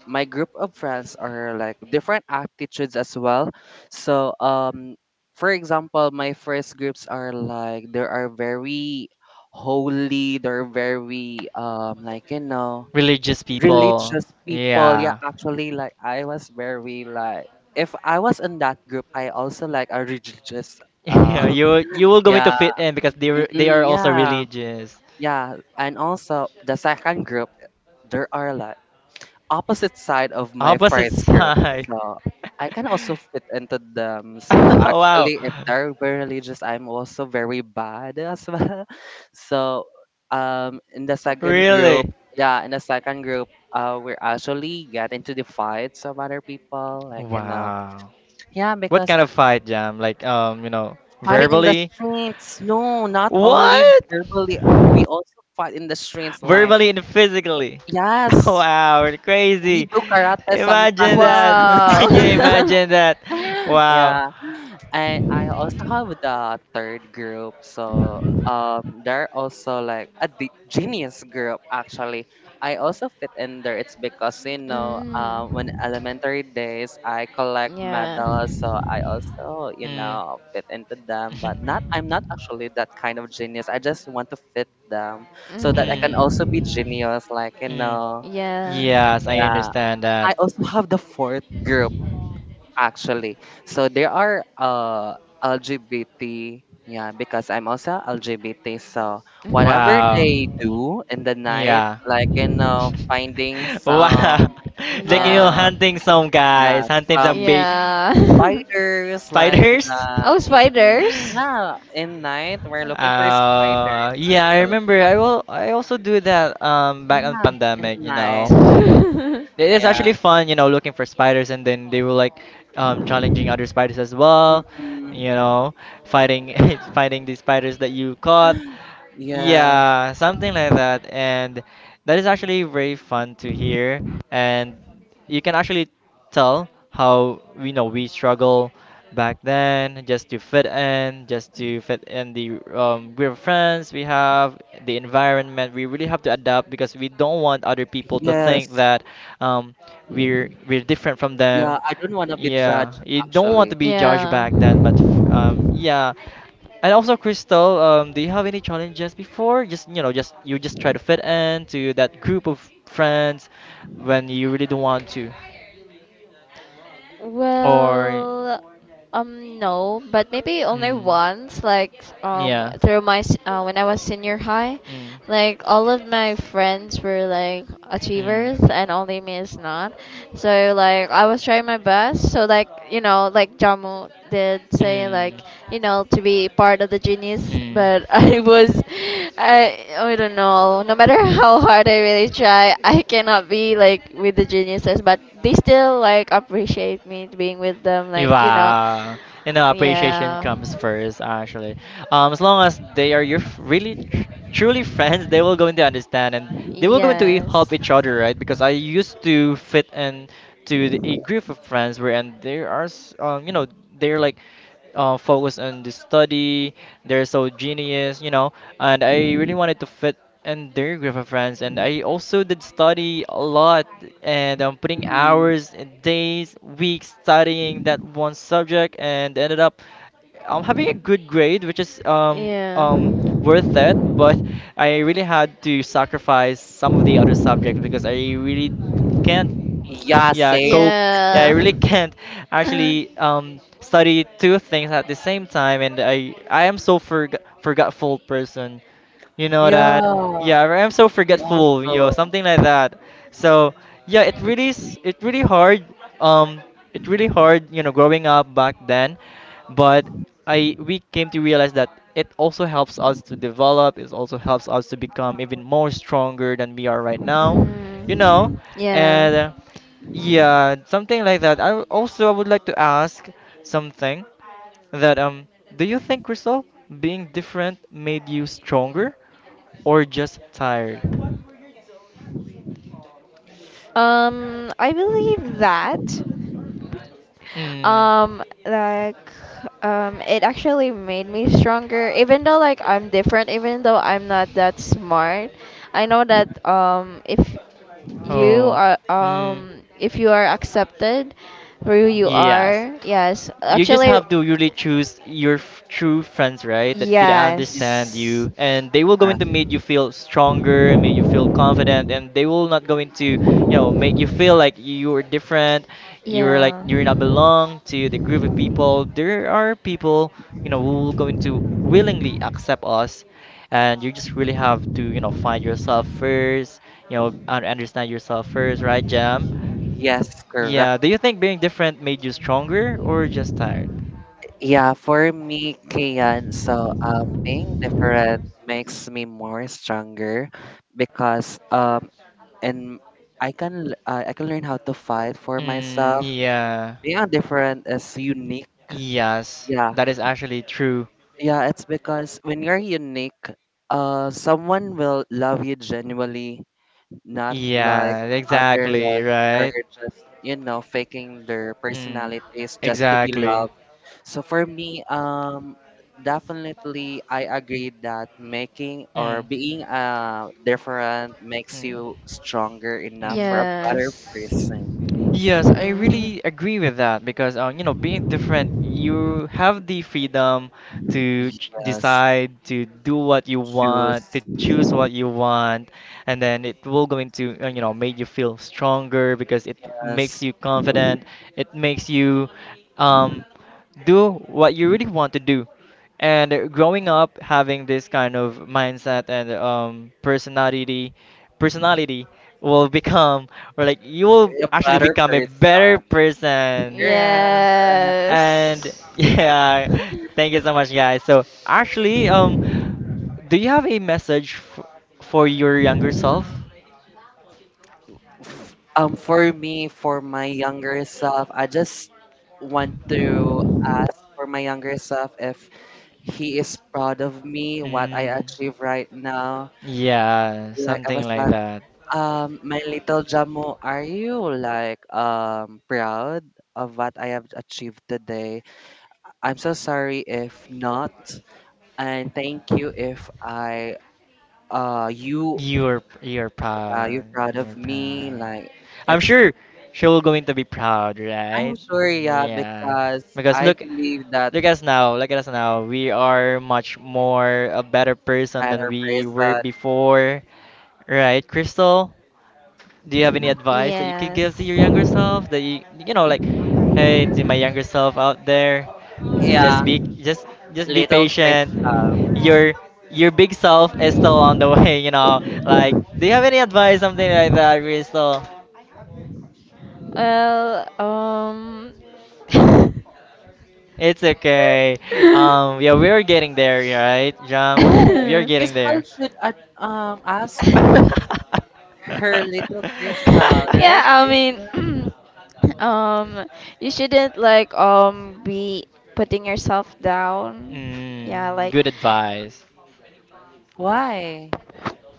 S3: my group of friends are like different attitudes as well. So um, for example, my first groups are like they are very holy, they're very um like you know
S1: Religious people.
S3: religious people. Yeah,
S1: Yeah.
S3: actually like I was very like if I was in that group, I also like a religious uh
S1: Yeah, you you will going to
S3: yeah.
S1: fit in because they were-
S3: Mm-mm,
S1: they are also
S3: yeah.
S1: religious.
S3: Yeah, and also the second group there are like opposite side of my
S1: Opposite
S3: first group.
S1: side.
S3: So I can also fit into them. So
S1: Wow.
S3: actually, if they're very religious, I'm also very bad as well. So um, in the second group,
S1: Really?
S3: yeah, in the second group, uh, we're actually get into the fights of other people. Like, you know,
S1: Wow.
S3: yeah,
S1: What
S3: because
S1: kind
S3: uh,
S1: of fight, Jam? Like, um, you know,
S3: fighting in the
S1: verbally?
S3: streets, no, not only
S1: What?
S3: verbally, we also fight in the streets. Like,
S1: Verbally and physically.
S3: yes,
S1: Wow, it's
S3: we
S1: crazy.
S3: do karate
S1: Imagine
S3: sometimes.
S1: that.
S2: wow.
S1: Can you imagine that? Wow.
S3: yeah And I also
S2: Mm.
S3: have the third group. So um, they're also like a di- genius group actually. I also fit in there. It's because you know, um, when
S2: Mm.
S3: elementary days I collect
S2: Yeah.
S3: medals, so I also you
S1: Mm.
S3: know fit into them. But not, I'm not actually that kind of genius. I just want to fit them so that I can
S1: Mm.
S2: Mm.
S3: also be genius. Like you
S1: Mm.
S3: know,
S2: Yeah.
S1: Yes, I
S3: yeah.
S1: understand
S3: I
S1: that.
S3: also have the fourth group actually. So there are uh L G B T, yeah, because I'm also L G B T. So whatever
S1: Wow.
S3: they do in the night,
S1: Yeah.
S3: like you know, finding
S1: Wow.
S3: some
S2: Mhm.
S1: Like you know,
S2: Yeah.
S3: um
S1: hunting some
S3: yeah,
S1: guys, hunting some
S3: some
S2: Yeah.
S3: spiders like the
S2: Oh,
S3: mm-mm.
S2: spiders?
S3: Yeah, in night we're looking for spiders.
S1: Uh, yeah, I
S3: So,
S1: remember. I will. I also do that. Um, back on
S3: yeah, in
S1: pandemic, you know,
S3: night,
S1: it is
S3: yeah.
S1: actually fun. You know, looking for spiders, and then they were like, um, challenging other spiders as well.
S3: Mm-mm.
S1: You know, fighting, fighting these spiders that you caught.
S3: Yeah,
S1: Yeah, something like that. And that is actually very fun to hear. And you can actually tell how we know we struggle back then, just to fit in, just to fit in the um we're friends, we have the environment, we really have to adapt because we don't want other people to think
S3: yes.
S1: that um we're we're different from them.
S3: Yeah, I don't want to be
S1: Yeah,
S3: judged
S1: you don't want
S2: Have to
S1: to
S3: actually.
S2: be
S1: be judged back then,
S2: yeah.
S1: but f- um yeah. And also, Crystal, um, do you have any challenges before? Just you know, just you just try to fit in to that group of friends when you really don't want to, or
S2: Well, um, no, but maybe only
S1: mm,
S2: once, like um,
S1: yeah,
S2: through my s- uh, when I was senior high,
S1: mm,
S2: like all of my friends were like
S1: mm,
S2: achievers, and only me is not. So like I was trying my best. So like you know, like Jamu did say,
S1: mm,
S2: like you know, to be part of the genius
S1: mm.
S2: but I was, I I don't know. No matter how hard I really try, I cannot be like with the geniuses. But they still like appreciate me being with them. Like you know,
S1: Wow. You know, appreciation
S2: yeah.
S1: comes first, actually. Um, as long as they are your f- really tr- truly friends, they will going to understand and they will going to e-
S2: Yes.
S1: help each other, right? Because I used to fit in to the, a group of friends where and there are, s- um, you know, they're like uh, focus on the study. They're so genius, you know. And I really wanted to fit in their group of friends. And I also did study a lot, and I'm putting
S3: Mm-hmm.
S1: hours, and days, weeks studying that one subject, and ended up um, having a good grade, which is um
S2: Yeah.
S1: um worth it. But I really had to sacrifice some of the other subjects because I really can't,
S3: Yeah,
S1: yeah,
S3: same.
S1: cope. Yeah, I
S2: Yeah.
S1: really can't actually um study two things at the same time. And i i am so forg forgetful person, you know
S3: Yeah,
S1: that. Yeah, I'm so
S3: me
S1: forgetful,
S3: also.
S1: you know, something like that. So yeah, it really s- it really hard, um it really hard, you know, growing up back then. But I we came to realize that it also helps us to develop, it also helps us to become even more stronger than we are right now, you know.
S3: Mm,
S2: Mm.
S1: And
S2: Yeah.
S1: uh, yeah, something like that. I also I would like to ask something that, um do you think, Crystal, being different made you stronger or just tired?
S2: Um, I believe that.
S1: Mm.
S2: Um, like, um, it actually made me stronger. Even though like I'm different, even though I'm not that smart, I know that um, if you
S1: Oh.
S2: are
S1: Mm.
S2: um, if you are accepted, where you
S1: Yes.
S2: are. Yes,
S1: You just
S2: actually,
S1: have to really choose your f- true friends, right? That could
S3: yeah.
S1: understand
S2: yes.
S1: you, and they will going to make you feel stronger, make you feel confident, and they will not going to, you know, make you feel like you are different, you're like
S2: Yeah.
S1: you're not belong to the group of people. There are people, you know, who will going to willingly accept us, and you just really have to, you know, find yourself first, you know, un- understand yourself first, right, Jam?
S3: Yes, correct.
S1: Yeah, do you think being different made you stronger or just tired?
S3: Yeah, for me, Kian, so um, being different makes me more stronger because
S1: Um,
S3: um, and I can l- uh, I can learn how to fight for
S1: Mm, myself.
S3: myself.
S1: Yeah.
S3: Being different is unique.
S1: Yes,
S3: Yeah,
S1: that is actually true.
S3: yeah, it's because when you're unique, uh, someone will love you genuinely, not like
S1: Yeah,
S3: other
S1: exactly,
S3: lot, they're
S1: right?
S3: just you know faking their
S1: Mm,
S3: personalities just to be
S1: exactly.
S3: loved. So for me, um definitely I agree that making or
S1: Mm,
S3: being uh different makes
S1: mm,
S3: you stronger enough
S1: mm.
S3: for a better
S2: Yes.
S3: person.
S1: Yes, I really agree with that because um, you know, being different,
S2: Mhm.
S1: you have the freedom to ch-
S3: Yes,
S1: decide to do what
S3: to
S1: you want, to
S3: choose
S1: choose what you want, and then it will going to uh, you know, make you feel stronger because it makes
S3: as
S1: you confident. It makes you um, do what you really want to do. And uh, growing up having this kind of mindset and um, personality, personality will become or like you will
S3: a
S1: actually
S3: better
S1: become a better
S3: person.
S1: person.
S3: Yeah,
S1: And
S2: Yes.
S1: yeah, thank you so much, guys. So actually, um, do you have a message f for your younger self?
S3: f- um for me, for my younger self, I just want to ask for my younger self if he is proud of me what I achieve right
S1: Mm.
S3: now.
S1: Yeah,
S3: Like I
S1: something
S3: was
S1: like
S3: like,
S1: that.
S3: um my little Jamu, are you like um proud of what I have achieved today? I'm so sorry if not, and thank you if I uh you
S1: You're you're
S3: uh, you're
S1: proud.
S3: proud of
S1: You're proud.
S3: me, like
S1: I'm
S3: it's
S1: sure she will going to be proud,
S3: I'm
S1: right?
S3: sure, yeah,
S1: Yeah.
S3: because
S1: Because
S3: I
S1: look
S3: believe that
S1: look at us now. Look at us now. We are much more a better person than
S3: better
S1: we were
S3: person.
S1: before. Right, Crystal? Do you have any advice that you could give to
S2: Yes.
S1: your younger self? That you you know like, hey, to my younger self out there,
S3: Yeah,
S1: just be just just be
S3: little
S1: patient.
S3: Crystal.
S1: Your your big self is still on the way. You know, like, do you have any advice, something like that, Crystal?
S2: Well, um.
S1: It's okay. Um, yeah, we're getting there, right, Jam? We
S3: No,
S1: are getting
S3: Crystal
S1: there.
S3: should ad um ask her little Crystal,
S2: Yeah,
S3: right?
S2: I mean,
S3: Crystal?
S2: um, you shouldn't like um be putting yourself down. Yeah,
S1: Mm,
S2: like.
S1: good advice.
S3: Why?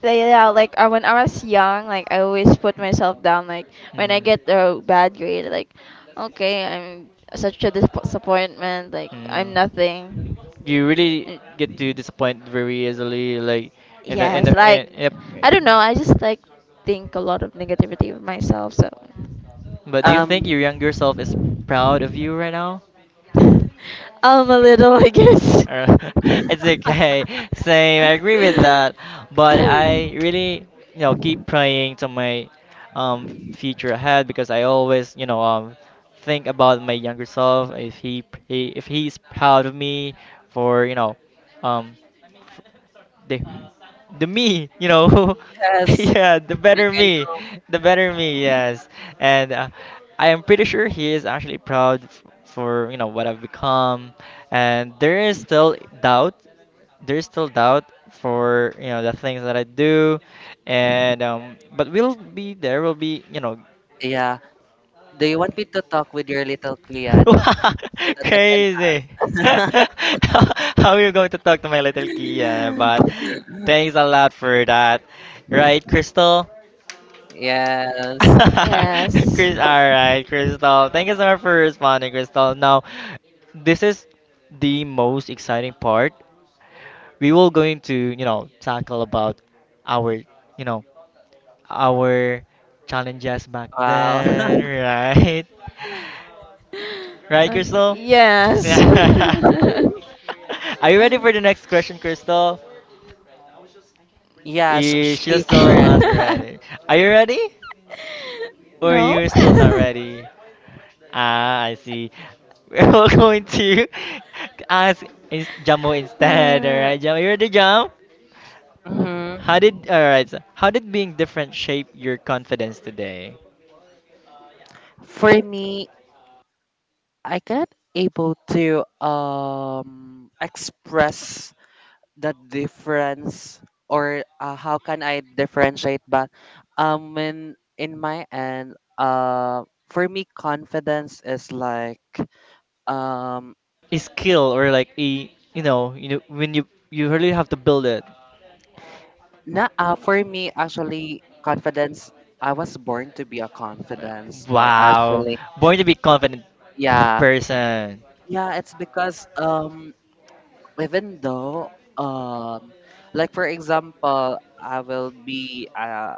S2: Like, yeah, like uh, when I was young, like I always put myself down. Like when I get a bad grade, like okay, I'm such a disp- disappointment. Like I'm nothing. Mm,
S1: You really get to disappoint very easily, like in the in
S2: yes,
S1: the in,
S2: like
S1: in a, I.
S2: I don't know. I just like think a lot of negativity of myself. So
S1: But do you think
S3: Um,
S1: your younger self is proud of you right now?
S2: I'm a little, I guess.
S1: Uh, it's okay. Same, I agree with that. But I really, you know, keep praying to my um future ahead because I always, you know, um think about my younger self. If he, he if he's proud of me for, you know, um the the me, you know.
S3: because
S1: Yeah, the
S3: you
S1: better
S3: can
S1: me,
S3: know.
S1: the better me. Yes, and uh, I am pretty sure he is actually proud f- for you know what I've become, and there is still doubt. There is still doubt for you know the things that I do, and um, but we'll be there. We'll be you know
S3: Yeah. Do you want me to
S1: Wow, that
S3: talk with your little Clean so that I can?
S1: crazy. How are you going to talk to my little Kia? But thanks a lot for that. Right, Crystal?
S3: Yes.
S2: Yes.
S1: Chris, all right, Crystal. Thank you so much for responding, Crystal. Now, this is the most exciting part. We will going to, you know, tackle about our, you know, our challenges back Uh,
S3: Wow.
S1: then, right? Right,
S2: Ok-
S1: Crystal?
S2: Yes.
S1: Yeah. Are you ready for the next question, Crystal?
S3: Yes,
S1: Eh, she's
S3: she's
S1: still
S3: ready.
S1: not ready. Are you ready? Or
S2: No?
S1: you're still not ready? Ah, I see. We're all going to ask is Jamo instead. Alright, Jamo, you ready, Jam?
S3: hmm
S1: How did alright? So how did being different shape your confidence today?
S3: For me, I cannot able to um express the difference or uh, how can I differentiate, but um in in my end, uh for me confidence is like um
S1: A skill or like a you know you know when you you really have to build it.
S3: not uh, for me actually confidence, I was born to be a
S1: Uh,
S3: confidence like
S1: Wow.
S3: actually.
S1: Born to be confident
S3: Yeah,
S1: person.
S3: yeah, it's because um even though, um like for example, I will be uh,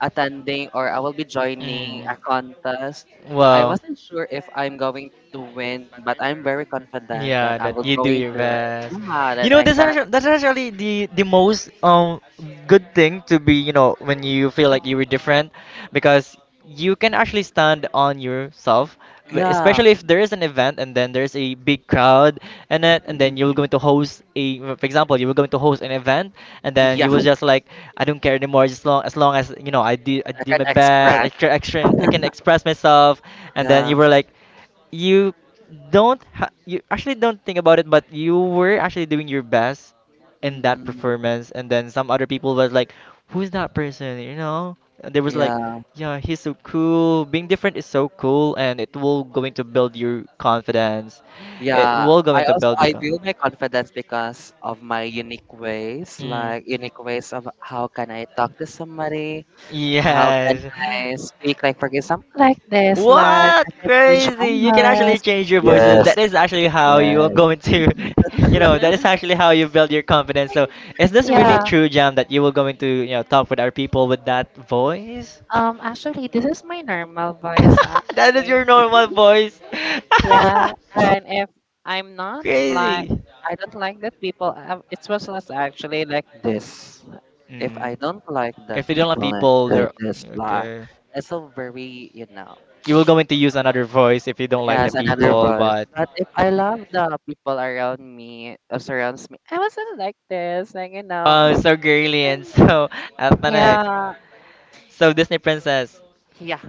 S3: attending, or I will be joining
S1: Mm.
S3: a contest. I
S1: Wow.
S3: wasn't sure if I'm going to win, but I'm very confident that I
S1: Yeah,
S3: will
S1: that you do
S3: going to
S1: your
S3: win.
S1: best.
S3: Yeah, that
S1: You know,
S3: I
S1: that's
S3: can.
S1: actually, that's actually the the most um good thing to be, you know, when you feel like you were different because you can actually stand on yourself w-
S3: Yeah.
S1: especially if there is an event and then there's a big crowd in it, and then you're
S3: Mm-mm.
S1: going to host a, for example, you were going to host an event and then
S3: Yeah,
S1: you was just like, I don't care anymore, just long as, long as you know, I did, I
S3: I
S1: did
S3: can
S1: my best.
S3: express.
S1: I try, I try, I can express myself. And then you
S3: Yeah.
S1: were like, you don't ha- you actually don't think about it, but you were actually doing your best in that
S3: Mm-mm.
S1: performance. And then some other people was like, who's that person, you know? And there was like,
S3: Yeah,
S1: yeah, he's so cool. Being different is so cool, and it will going to build your confidence. It
S3: yeah,
S1: will
S3: i
S1: going to
S3: also
S1: build the
S3: i
S1: con.
S3: build my confidence because of my unique ways,
S1: Mm.
S3: like unique ways of how can I talk to somebody. How can
S1: Yes.
S3: I speak, like, for example, like this? Like
S1: What?
S3: I can change my
S1: Crazy. You can actually
S3: voice.
S1: change your voice. Uh,
S3: Yes.
S1: That is actually how you are
S3: Yes.
S1: going to, you know, that is actually how you build your confidence. So, is this really
S3: Yeah.
S1: true, Jam, that you were going to, you know,
S2: Uh,
S1: talk with our people with that voice?
S3: Um.
S1: That is your
S3: Yeah.
S1: normal voice.
S3: And if I'm not like,
S1: Crazy.
S3: I don't like that people. Um, it was less actually like this. If I
S1: Mm.
S3: don't like that
S1: If you don't like
S3: people, like,
S1: people,
S3: like
S1: they're
S3: this, lah.
S1: okay.
S3: It's so very, you know.
S1: You will going to use another voice if you don't like the
S3: Yes, another
S1: people,
S3: voice.
S1: but
S3: But if I love the people around me, uh, surrounds me, I wasn't like this, like you know.
S1: oh, so girly and so ethnic.
S3: Yeah.
S1: So Disney princess.
S3: Yeah,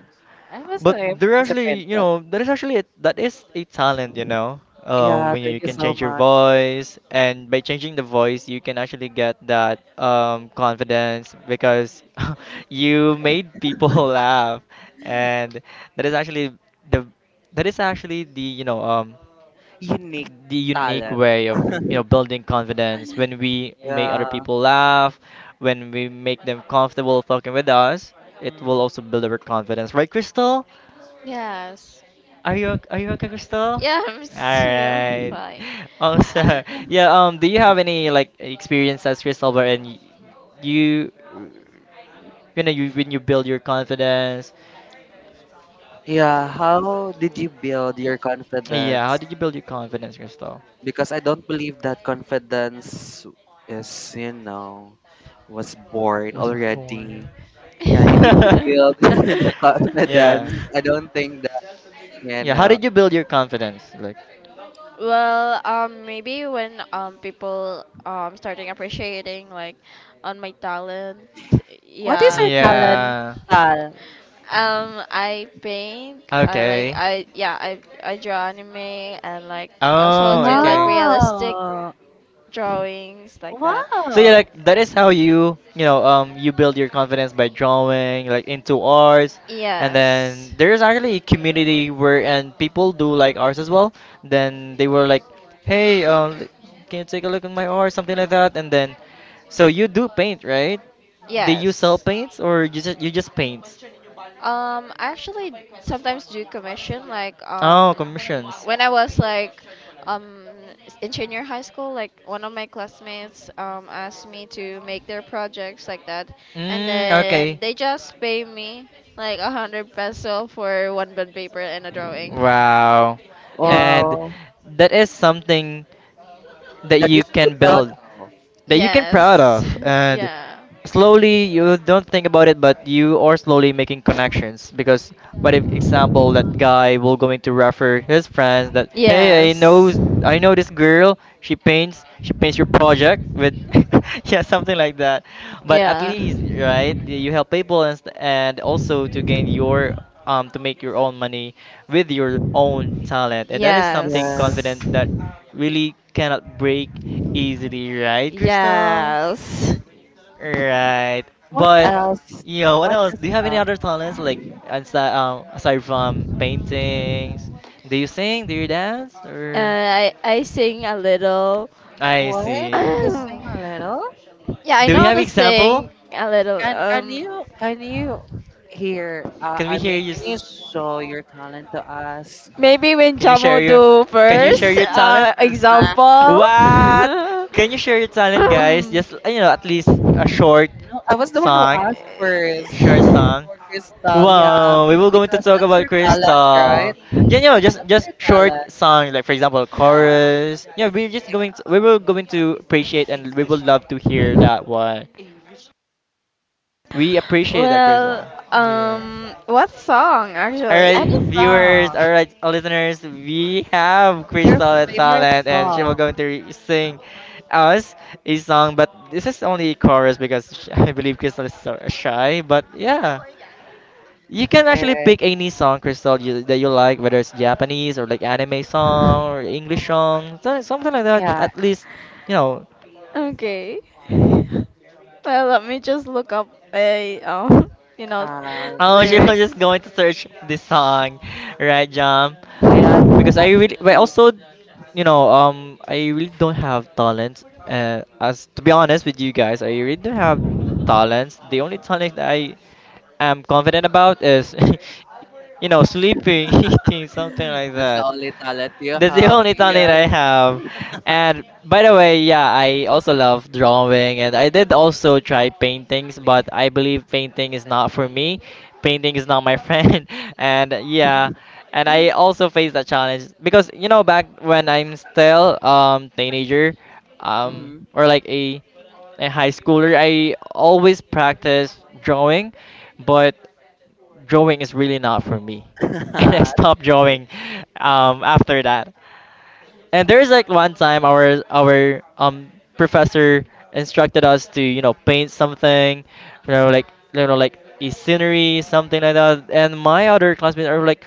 S3: I must say,
S1: But
S3: I'm
S1: there
S3: friends are
S1: actually,
S3: friends
S1: you
S3: of us.
S1: know, that is actually a, that is a talent, you know. Um,
S3: Yeah,
S1: when you,
S3: thank
S1: you
S3: you
S1: can
S3: so
S1: change your
S3: much.
S1: voice, and by changing the voice, you can actually get that um, confidence because you made people laugh, and that is actually the that is actually the you know um
S3: Unique
S1: the unique
S3: talent.
S1: way of, you know, building confidence. When we make other
S3: Yeah.
S1: people laugh, when we make them comfortable talking with us, it will
S3: Mm.
S1: also build our confidence, right, Crystal?
S2: Yes.
S1: Are you ok- are you okay, Crystal? All
S2: Yeah, I'm still
S1: right,
S2: fine.
S1: also yeah, um do you have any like experiences, Crystal, wherein y- you you know, you when you build your confidence?
S3: Yeah, how did you build your
S1: Yeah, how
S3: confidence?
S1: did you build your confidence, Crystal?
S3: Because I don't believe that confidence is, you know, was born
S1: Was born.
S3: already. Yeah, you need to build the confidence.
S1: Yeah.
S3: I don't think that, you
S1: Yeah, how
S3: know.
S1: did you build your confidence? Like,
S2: Well, um, maybe when um people um starting appreciating like on my talent,
S3: What is
S2: yeah.
S3: your talent,
S1: yeah.
S3: Tal?
S2: Um, I paint. I like
S1: Okay.
S2: I yeah. I I draw anime and like also
S1: Oh,
S2: do like
S1: okay.
S2: realistic
S3: Wow.
S2: drawings like that.
S1: So yeah, like
S3: Wow.
S1: that is how you, you know, um you build your confidence by drawing like into arts, and
S2: Then
S1: then there is actually a community where and people do like arts as well. Then they were like, hey, um, l- can you take a look at my art, something like that? And then so you do paint, right?
S2: do you
S1: Do you sell paints or you just, you just paint?
S2: um, I actually sometimes do commission like um
S1: Oh, commissions.
S2: when I was like um in junior high school, like one of my classmates um asked me to make their projects like that, and
S1: Mm,
S2: then
S1: okay.
S2: they just pay me like a hundred peso for one bond paper and a drawing.
S1: Wow.
S2: Yeah.
S1: And
S3: Wow.
S1: that is something that
S3: That you
S1: you
S3: should be
S1: can
S3: proud
S1: build,
S3: of.
S1: that you can proud
S2: Yes.
S1: of,
S2: Yeah. Yes.
S1: and
S2: Yeah.
S1: slowly you don't think about it, but you are slowly making connections, because what if, example, that guy will going to refer his friends that, hey, I know, I know this girl, she paints, she paints your project with yeah something like that. But at least, right, you help people and, st- and also to gain your um to make your own money with your own talent, and that is something
S3: Yes.
S2: Yes.
S1: confident that really cannot break easily, right, Crystal?
S2: Yes.
S1: Right.
S3: What
S1: But
S3: else?
S1: yeah, what
S3: What
S1: else?
S3: is
S1: Do you have any
S3: the
S1: other talents like aside, um, aside from paintings? Do you sing? Do you dance? Or
S2: Uh, I I sing a little.
S1: I
S3: fourth?
S2: I
S1: see.
S3: You sing a little.
S2: see. Yeah, I
S1: Do
S2: know
S1: we
S2: how
S1: have
S2: to
S1: example?
S2: sing a little.
S3: Can can
S2: Um,
S3: you can you hear? Uh,
S1: Can we
S3: I
S1: hear
S3: mean,
S1: you?
S3: can you
S1: S-
S3: show your talent to us?
S2: maybe when
S1: Can you
S2: Jamo Sure.
S1: share your
S2: do
S1: Can you share
S2: first.
S1: your talent?
S2: Uh, example.
S1: What? Can you share your talent, guys? Just uh, you know, at least a short
S3: No, I was the one who
S1: song.
S3: asked first.
S1: Short
S2: Song.
S1: song.
S3: For Crystal, yeah,
S1: Wow, we will going to
S3: because
S1: talk
S3: that's
S1: about
S3: your talent, right?
S1: Crystal. Yeah, you know, just
S3: That's
S1: just
S3: your
S1: short
S3: talent,
S1: song, like for example,
S3: yeah.
S1: chorus. Yeah, we're just going to, we will going to appreciate, and we will love to hear that one. We appreciate that, Crystal.
S2: Well,
S1: Yeah.
S2: um, what song
S1: All
S2: actually?
S1: right,
S3: Any
S1: viewers,
S3: song,
S1: all right, uh, listeners, we have
S3: your
S1: Crystal at
S3: favorite
S1: Talent, and she will
S3: song,
S1: going to re- sing us a song. But this is only chorus because sh- I believe Crystal is so uh, shy. But yeah, you can actually
S3: and
S1: pick any song, Crystal, you, that you like, whether it's Japanese or like anime song or English song, so- something like that.
S3: yeah.
S1: At least you know
S2: Okay. Well, let me just look up a um, you know,
S3: Uh,
S1: Oh, she was
S2: lyrics.
S1: just going to search this song, right, Jam?
S3: Yeah, so
S1: Because I really, but
S3: actually,
S1: also, you know, um, I really don't have talent. Uh, as to be honest with you guys, I really don't have talents. The only talent that I am confident about is, you know, sleeping, eating, something like
S3: that's the
S1: that.
S3: only talent you
S1: That's the
S3: have,
S1: only talent
S3: Ian.
S1: I have. And by the way, yeah, I also love drawing and I did also try paintings, but I believe painting is not for me. Painting is not my friend. And yeah, and I also faced that challenge because you know back when I'm still um teenager, um
S3: Mhm.
S1: Mm-hmm. or like a a high schooler, I always practice drawing, but drawing is really not for me. And I
S3: Okay.
S1: stopped drawing um after that. And there's like one time our our um professor instructed us to, you know, paint something, you know, like, you know, like a scenery something like that. And my other classmates are like,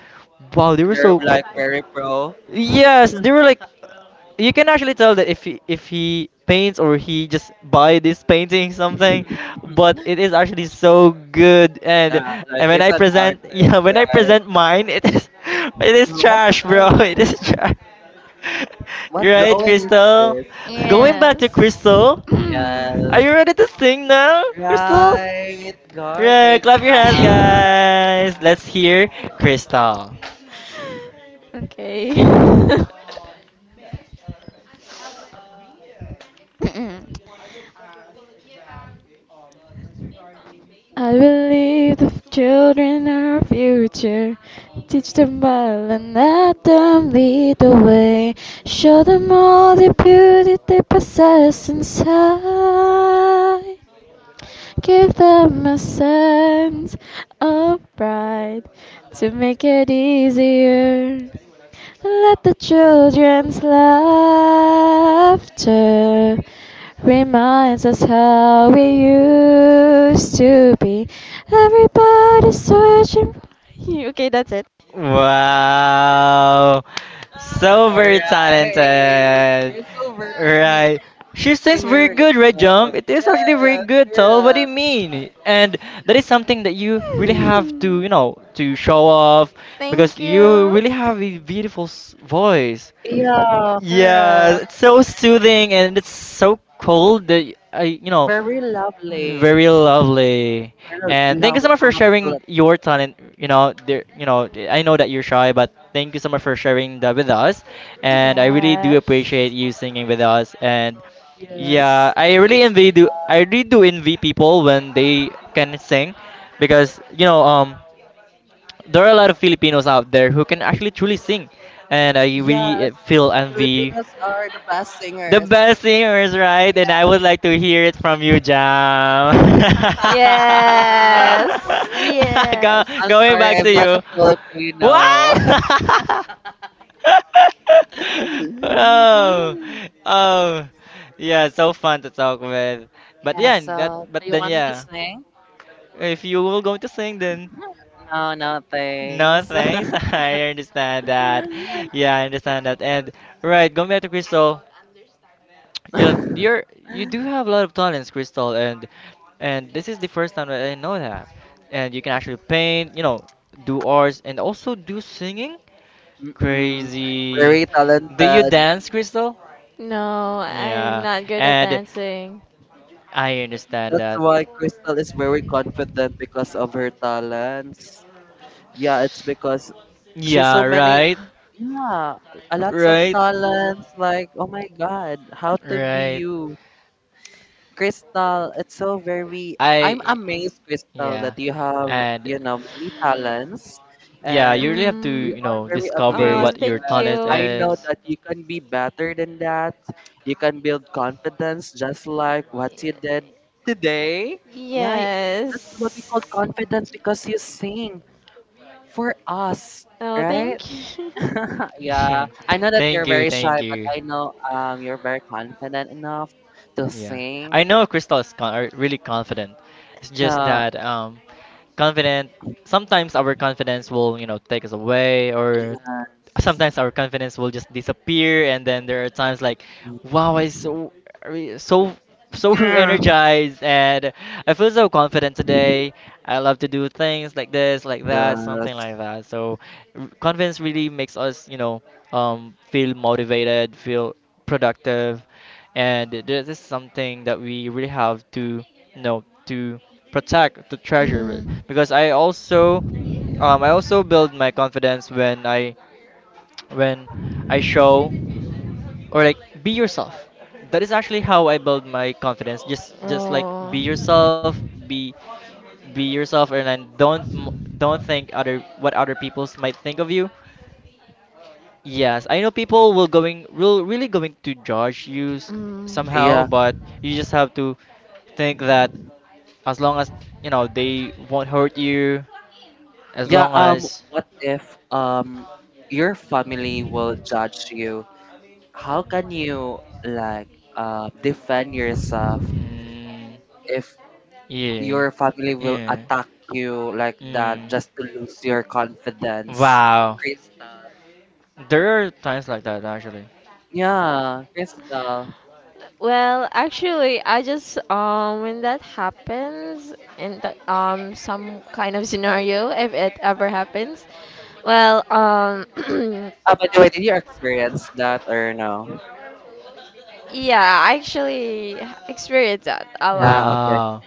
S1: wow, they were
S3: They're
S1: so
S3: like very pro.
S1: Yes, they were like, you can actually tell that if he, if he paints or he just buy this painting something,
S3: Mhm.
S1: but it is actually so good. And
S3: Yeah, like
S1: and when
S3: he's
S1: I
S3: an
S1: present, yeah,
S3: artist,
S1: when I
S3: right?
S1: present mine, it is it is
S3: Oh,
S1: trash,
S3: what's
S1: bro. It
S3: that?
S1: is trash.
S3: What
S1: You're right,
S3: drawing is
S1: Crystal.
S3: this?
S1: Going back to
S2: Yes.
S1: Crystal, are
S3: Yes.
S1: you ready to sing now, Crystal?
S3: Right. God,
S1: Yeah,
S3: Krista.
S1: clap your hands, guys. Let's hear Crystal.
S2: Okay. I believe the children are our future. Teach them well and let them lead the way. Show them all the beauty they possess inside. Give them a sense of pride to make it easier. Let the children's laughter reminds us how we used to be. Everybody's searching for you. Okay, that's it.
S1: Wow. So very
S3: Alright.
S1: talented.
S3: You're so very
S1: Right. She sings very
S3: singer.
S1: good, right,
S3: uh,
S1: Jump? It is actually very
S3: Yes,
S1: good, tell what do you
S3: correct.
S1: mean? And that is something that you really have to, you know, to show off because
S2: Thank
S1: you
S2: you.
S1: really have a beautiful s- voice.
S3: Yeah,
S1: Yeah,
S3: correct.
S1: it's so soothing and it's so cold that y- I, you know,
S3: Very lovely.
S1: very lovely.
S3: Well,
S1: And thank you so
S3: lovely,
S1: much for
S3: absolutely.
S1: sharing your talent. You know, there, you know, I know that you're shy, but thank you so much for sharing that with us. And I really do
S2: Yes.
S1: appreciate you singing with us. And yeah,
S3: Yes.
S1: I
S3: Thank
S1: really
S3: you.
S1: envy do. I really do envy people when they can sing, because you know, um, there are a lot of Filipinos out there who can actually truly sing, and I
S3: Yeah,
S1: really uh, feel envy
S3: Filipinos are the best
S1: the
S3: singers.
S1: best singers, right? And I would like to hear it from you, Jam.
S3: Ah,
S2: Yes.
S1: Go,
S2: Yes.
S3: I'm
S1: going
S3: sorry,
S1: back
S3: I'm
S1: to
S3: not a
S1: you.
S3: Filipino.
S1: What? Oh, oh, yeah, so fun to talk with. But
S3: Yeah,
S1: yeah,
S3: so
S1: that. But
S3: you
S1: then
S3: want me to
S1: yeah.
S3: sing?
S1: If you will going to sing, then
S3: No, no,
S1: no
S3: thanks.
S1: thanks. I understand that. Yeah, I understand that. And right, going back to Crystal, you you're you do have a lot of talents, Crystal, and and this is the first time that I know that. And you can actually paint, you know, do arts, and also do singing.
S3: Mm-mm.
S1: Crazy.
S3: Very
S1: Do you
S3: talented.
S1: dance, Crystal?
S2: No, I'm
S1: Yeah,
S2: not good at
S1: and
S2: dancing.
S1: I understand
S3: That's
S1: that.
S3: why Crystal is very confident because of her talents. Yeah, it's because she's so
S1: Yeah,
S3: many.
S1: right.
S3: Yeah, a lots of
S1: Right.
S3: talents. Like, oh my God, how to be
S1: Right.
S3: you, Crystal? It's so very.
S1: I
S3: I'm amazed, Crystal,
S1: yeah.
S3: that you have,
S1: And
S3: you know, many talents,
S1: yeah, you
S3: and
S1: really have to,
S3: we
S2: Mm.
S1: you
S3: are
S1: know,
S3: very
S1: discover
S2: Oh,
S3: amazed.
S1: what your
S2: thank
S3: And
S1: talent
S2: you.
S3: I know
S1: is.
S3: that you can be better than that. You can build confidence, just like what you did today. Yeah, y- that's what we call
S2: Yes.
S3: confidence because you sing for us,
S2: Oh,
S3: right?
S2: thank you.
S3: Yeah,
S1: Yeah.
S3: I know that
S1: Thank
S3: you're
S1: you,
S3: very shy,
S1: thank
S3: but
S1: you.
S3: I know um you're very confident enough to
S1: Yeah.
S3: sing.
S1: I know Crystal is con- are really confident. It's just
S3: Yeah.
S1: that um confident sometimes our confidence will, you know, take us away, or sometimes our confidence will just disappear. And then there are times like, wow, I so re- so so
S3: Yeah.
S1: energized, and I feel so confident today. I love to do things like this, like that, something
S3: Yes.
S1: like that. So r- confidence really makes us, you know, um, feel motivated, feel productive, and this is something that we really have to, you know, to protect the treasure. Because I also um, I also
S2: Mhm.
S1: build my confidence when I when I show or like be yourself. That is actually how I build my confidence. Just just like be yourself, be be yourself, and then don't m- don't think other what other people might think of you. Yes, I know people will going will really going to judge you s- somehow,
S3: Yeah.
S1: but you just have to think that as long as you know they won't hurt you, as
S3: Yeah.
S1: long
S3: Um.
S1: as
S3: What if um your family will judge you? How can you like uh, defend yourself if
S1: yeah.
S3: your family will attack you like that, just to lose your confidence?
S1: Wow.
S3: Chris-
S1: There are times like that actually.
S3: Yeah, Crystal.
S2: Well, actually, I just um when that happens in the, um some kind of scenario, if it ever happens, well, um
S3: Uh, by the way, did you experience that or no?
S2: yeah, I actually experienced that a lot.
S3: Yeah, okay.
S1: Wow.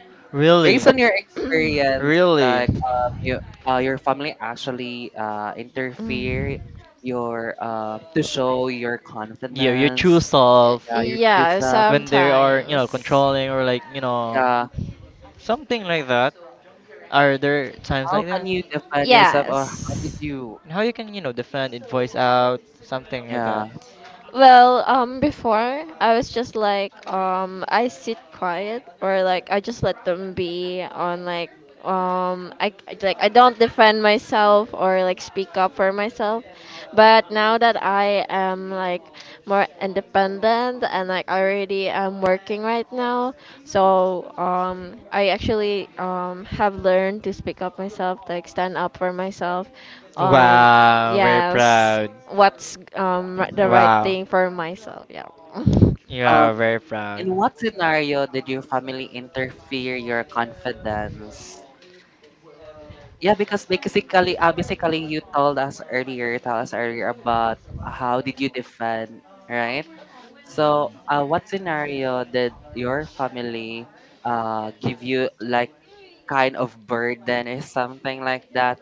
S3: Based
S1: Really?
S3: on your experience,
S1: Really?
S3: like um, you, uh, your family actually uh,
S2: Mm.
S3: interfere your uh, to show your
S1: Yeah, your true
S3: confidence,
S2: Uh,
S1: self
S3: yeah, your true
S2: Yeah,
S3: self.
S1: when they are, you know,
S2: sometimes.
S1: controlling or like, you know,
S3: Yeah,
S1: something like that. Are there times
S3: how
S1: like
S3: can
S1: that?
S3: you define yourself, or how did
S2: Yes.
S3: you?
S1: And how you can, you know, defend it, voice out, something like
S3: Yeah.
S1: that.
S2: Well, um, before I was just like, um, I sit quiet or like I just let them be on like, um, I I- like I don't defend myself or like speak up for myself. But now that I am like more independent and like I already am working right now, so um, I actually um, have learned to speak up myself, like stand up for myself on
S1: Wow, very
S2: yes,
S1: proud.
S2: what's um, r- the right
S1: Wow.
S2: thing for myself. Yeah.
S1: You
S3: Um,
S1: are very proud.
S3: in what scenario did your family interfere your confidence? Yeah, because basically, uh, basically, you told us earlier, you told us earlier about how did you defend, right? So, uh, what scenario did your family uh give you like kind of burden or something like that?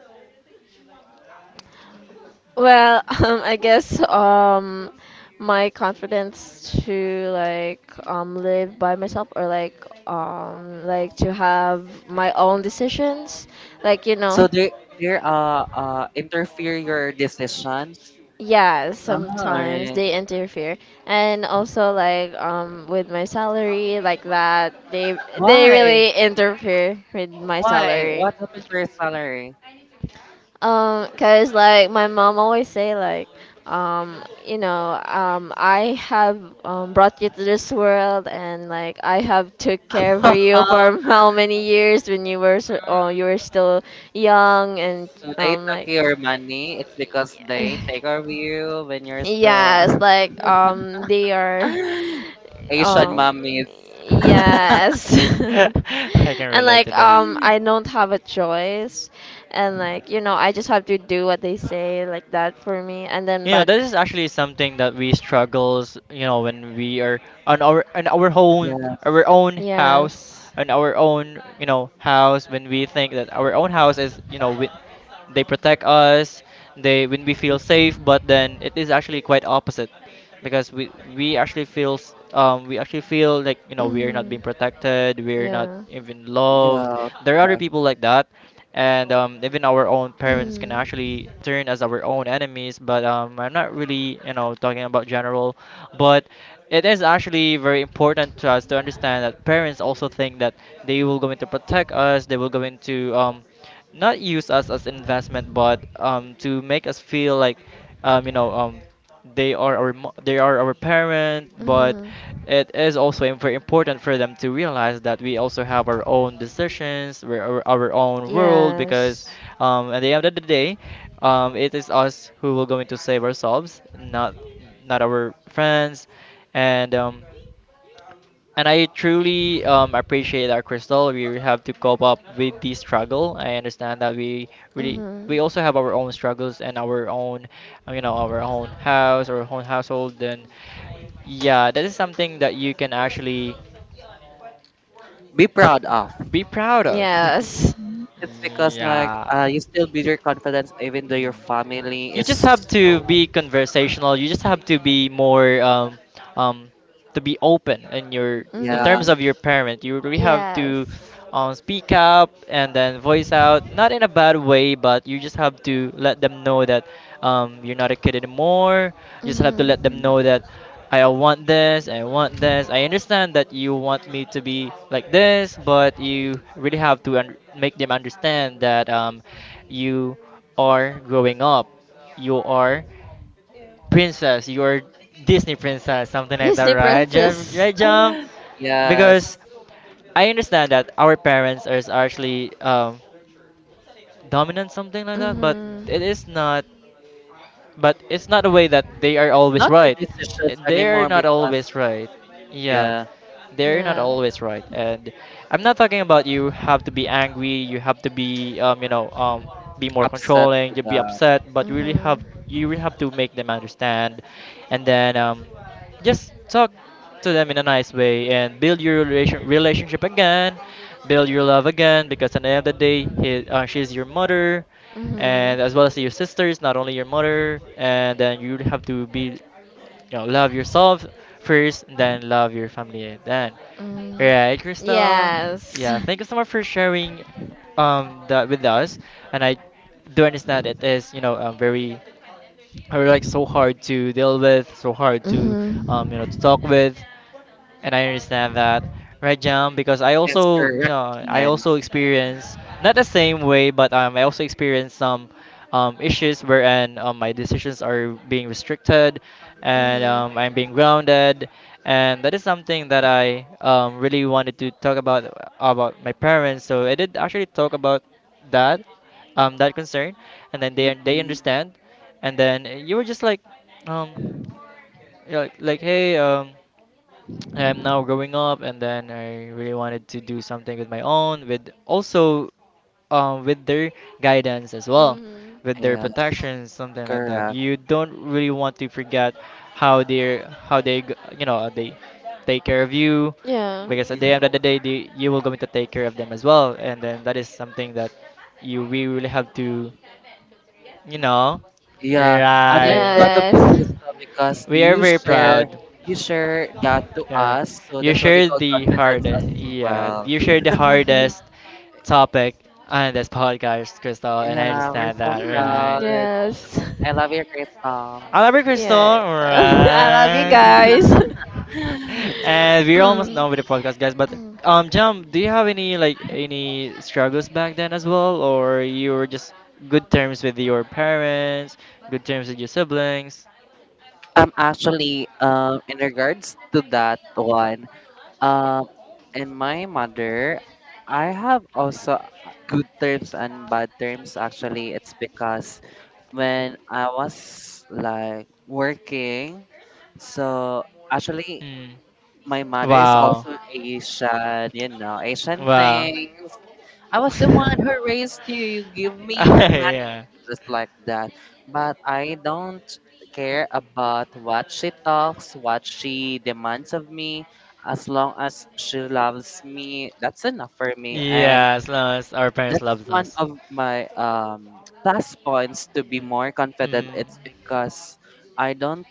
S2: Well, um, I guess um, my confidence to like um live by myself or like um like to have my own decisions, like you
S3: So
S2: know,
S3: they they uh uh interfere your decisions.
S2: yeah,
S3: Ah,
S2: sometimes
S3: alright.
S2: they interfere, and also like um with my salary like that, they they
S3: Why?
S2: really interfere with my
S3: Why?
S2: salary.
S3: What happened to your salary?
S2: Um, cause like my mom always say like, um, you know, um, I have um, brought you to this world and like I have took care for you for how many years when you were so, oh, you were still young and
S3: So they
S2: um
S3: took
S2: like
S3: your money. It's because they take over you when you're still
S2: yes, like um they are
S3: Asian
S2: um
S3: mommies.
S1: I
S2: yes.
S1: can
S2: And
S1: relate
S2: like
S1: to that.
S2: um
S3: Mm.
S2: I don't have a choice and like you know I just have to do what they say like that for me and then
S1: You know,
S2: but
S1: this is actually something that we struggles, you know, when we are on our on our
S3: Yeah,
S1: home, our own house,
S2: yes.
S1: on our own, you know, house when we think that our own house is, you know, we, they protect us, they when we feel safe, but then it is actually quite opposite because we we actually feel s- um we actually feel like, you know, we are not being protected, we're not even loved.
S3: yeah,
S1: There are other
S3: correct.
S1: people like that, and um, even our own parents can actually turn as our own enemies. But um, I'm not really, you know, talking about general, but it is actually very important to us to understand that parents also think that they will going to protect us, they will going to, um, not use us as investment, but um, to make us feel like, um, you know, um, they are our mo- they are our parent. But it is also im- very important for them to realize that we also have our own decisions, we're our, our own world, because um, at the end of the day, um, it is us who will going to save ourselves, not not our friends. And um, and I truly, um, appreciate that, Crystal. We have to cope up with the struggle. I understand that we really we
S2: We
S1: also have our own struggles and our own, uh, you know, our own house, our own household. And yeah, that is something that you can actually
S3: Be proud of.
S1: be proud of.
S2: yes.
S3: It's because like
S1: Yeah.
S3: uh, you still build your confidence even though your
S1: Mm.
S3: family
S1: You just
S3: is
S1: have to
S3: no.
S1: be conversational. You just have to be more um, um, to be open in your
S2: In
S1: in
S3: Yeah.
S1: terms of your
S2: Mm-hmm.
S1: parent. You really have to um, speak up and then voice out, not in a bad way, but you just have to let them know that um, you're not a kid anymore. You just have to let them
S3: Mm-mm.
S1: know that. I want this, I want this. I understand that you want me to be like this, but you really have to un- make them understand that um, you are growing up. You are princess. You are Disney princess, something like that, right, Jam?
S2: Princess.
S1: Right, Jam?
S3: Ah, yes.
S1: Because I understand that our parents are actually, um, dominant, something like that, but it is not. But it's not a way that they are
S3: It's
S1: always
S3: not their
S1: right.
S3: decision
S1: They're
S3: anymore
S1: not
S3: because
S1: always right. Yeah,
S3: yeah,
S1: they're not always right. And I'm not talking about you have to be angry, you have to be, um, you know, um, be more
S3: upset to
S1: controlling, you be
S3: the
S1: upset. But you really have, you really have to make them understand. And then, um, just talk to them in a nice way and build your relation, relationship again, build your love again, because at the end of the day, he, uh, she's your mother, and as well as your sisters, not only your mother. And then you really have to be, you know, love
S2: Know,
S1: yourself first, and then love your family then. Right, Crystal? Yeah, thank you so much for sharing um that with us. And I do understand it is, you know, um, very are like so
S2: or
S1: hard to deal with, so hard to, um, you know, to talk with. And I understand that, right, Jam? Because I
S3: yes,
S1: also, you
S3: correct.
S1: know, I
S3: Ian.
S1: also experience not the same way, but um, I also experience some um, issues wherein um, my decisions are being restricted, and um, I'm being grounded. And that is something that I, um, really wanted to talk about about my parents. So I did actually talk about that, um, that concern. And then they they
S3: Mm-mm.
S1: understand. And then you were just like, um, like, like, hey, um. I'm now growing up, and then I really wanted to do something with my own, with also, um, with their guidance as well,
S2: Mhm.
S1: with their
S3: Yes,
S1: protection, something like that.
S3: correct.
S1: You don't really want to forget how they how they g- you know, they take care of you,
S2: Yeah.
S1: because at the
S3: Mm-hmm.
S1: end of the day, they, you will going to take care of them as well. And then that is something that you we really have to, you know,
S3: Yeah, and I'm
S1: right.
S3: proud of you,
S2: Yes.
S3: Krista, because
S1: We are
S3: you
S1: very
S3: share
S1: proud.
S3: you share that to
S1: Yeah.
S3: us. So
S1: You
S3: that's what we
S1: share
S3: call
S1: the hard.
S3: confidence as
S1: Yeah,
S3: well.
S1: you share the hardest topic on this podcast, Crystal, and I
S3: Yeah, we're
S1: understand
S3: so
S1: that, right?
S3: proud. I love your Krista.
S1: I love you, Crystal,
S2: Yeah.
S1: alright.
S2: Guys.
S1: And we're almost done with the podcast, guys. But um, Jam, do you have any like any struggles back then as well, or you were just good terms with your parents, good terms with your siblings?
S3: I'm actually um in regards to that one. Um, and my mother, I have also uh, good terms and bad terms. Actually, it's because when I was like working. So actually,
S1: Mm.
S3: my mother is also Asian, you know, Asian things. I was the one who raised you. You give me your messages like that. But I don't care about what she talks, what she demands of me. As long as she loves me, that's enough for me. And
S1: Yeah, as long as our parents
S3: that's
S1: That's loves one
S3: one of my um plus points
S1: plus.
S3: to be more confident. It's because I don't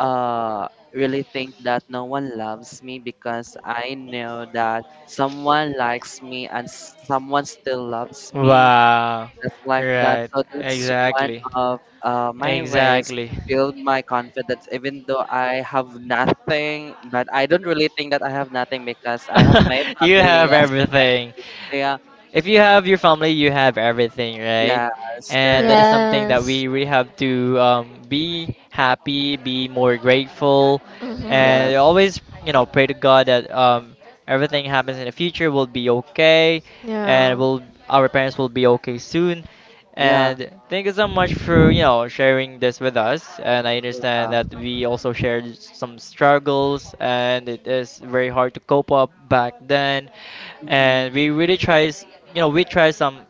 S3: uh really think that no one loves me, because I know that someone likes me and s- someone still loves me
S1: Wow.
S3: just like that.
S1: Right.
S3: So that's one
S1: Exactly.
S3: of uh my ways
S1: Exactly.
S3: to build my confidence, even though I have nothing, but I don't really think that I have nothing because I have my
S1: You
S3: family.
S1: have
S3: Yes,
S1: everything.
S3: yeah,
S1: If you have your family, you have everything, right?
S3: yes,
S1: And
S3: correct.
S1: that is something that
S2: Yes.
S1: we really have to, um, be happy, be more grateful,
S3: Yeah.
S1: and always, you know, pray to God that um, everything happens in the future will be okay,
S3: Mm,
S1: and will our parents will be okay soon.
S3: yeah,
S1: And thank you so much for, you know, sharing this with us. And I
S3: yeah.
S1: understand that we also shared some struggles, and it is very hard to cope up back then.
S3: Mhm.
S1: And we really tries, you know, we try some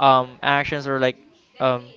S1: um actions or like um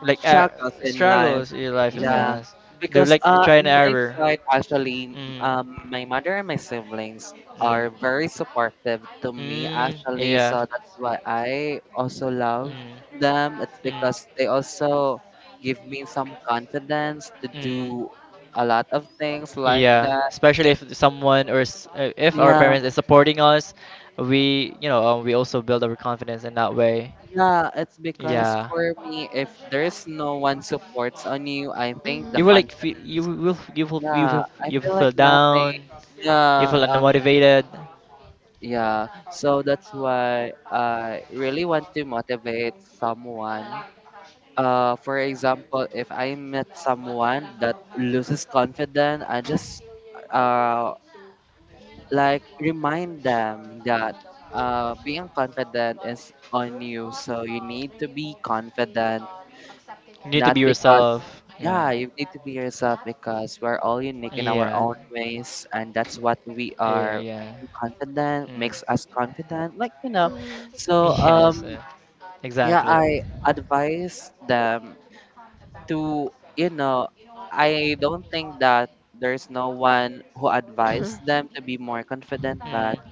S1: like uh,
S3: Shakas in life.
S1: struggles in your life. And
S3: Yeah,
S1: uh, they
S3: because
S1: like
S3: uh,
S1: try and
S3: in my
S1: error.
S3: side, actually,
S1: Mm.
S3: um, my mother and my siblings
S1: Mm.
S3: are very supportive to me,
S1: Mm,
S3: actually. So
S1: yeah.
S3: that's why I also love
S1: Mm.
S3: them. It's
S1: Mm.
S3: because they also give me some confidence to
S1: Mm.
S3: do a lot of things like
S1: Yeah,
S3: that.
S1: especially if someone or s- uh, if our
S3: Yeah,
S1: parents is supporting us, we, you know, um, we also build our confidence in that way.
S3: yeah, it's because
S1: Yeah,
S3: for me, if there's no one supports on you, I think the
S1: you
S2: Mhm.
S1: will
S2: Will
S1: like feel, you
S3: confidence.
S1: will you will you
S3: Yeah,
S1: will
S3: I
S1: you will
S3: feel like
S1: feel
S3: nothing.
S1: down. You
S3: Yeah,
S1: feel
S3: uh,
S1: unmotivated.
S3: yeah. So that's why I really want to motivate someone. Uh, for example, if I met someone that loses confidence, I just uh like remind them that uh being confident is on you. So you need to be confident.
S1: You need to
S3: Not
S1: be
S3: because,
S1: yourself.
S3: yeah,
S1: Yeah.
S3: you need to be yourself, because we're all unique in our
S1: Yeah.
S3: own ways, and that's what we
S1: Yeah,
S3: are.
S1: yeah.
S3: Being confident
S1: Mm.
S3: makes us confident, like you know.
S2: Mhm.
S3: So, um,
S1: Yes, uh,
S3: yeah,
S1: exactly.
S3: I advise them to, you know, I don't think that there's no one who advised them to be more confident, but
S1: Mm.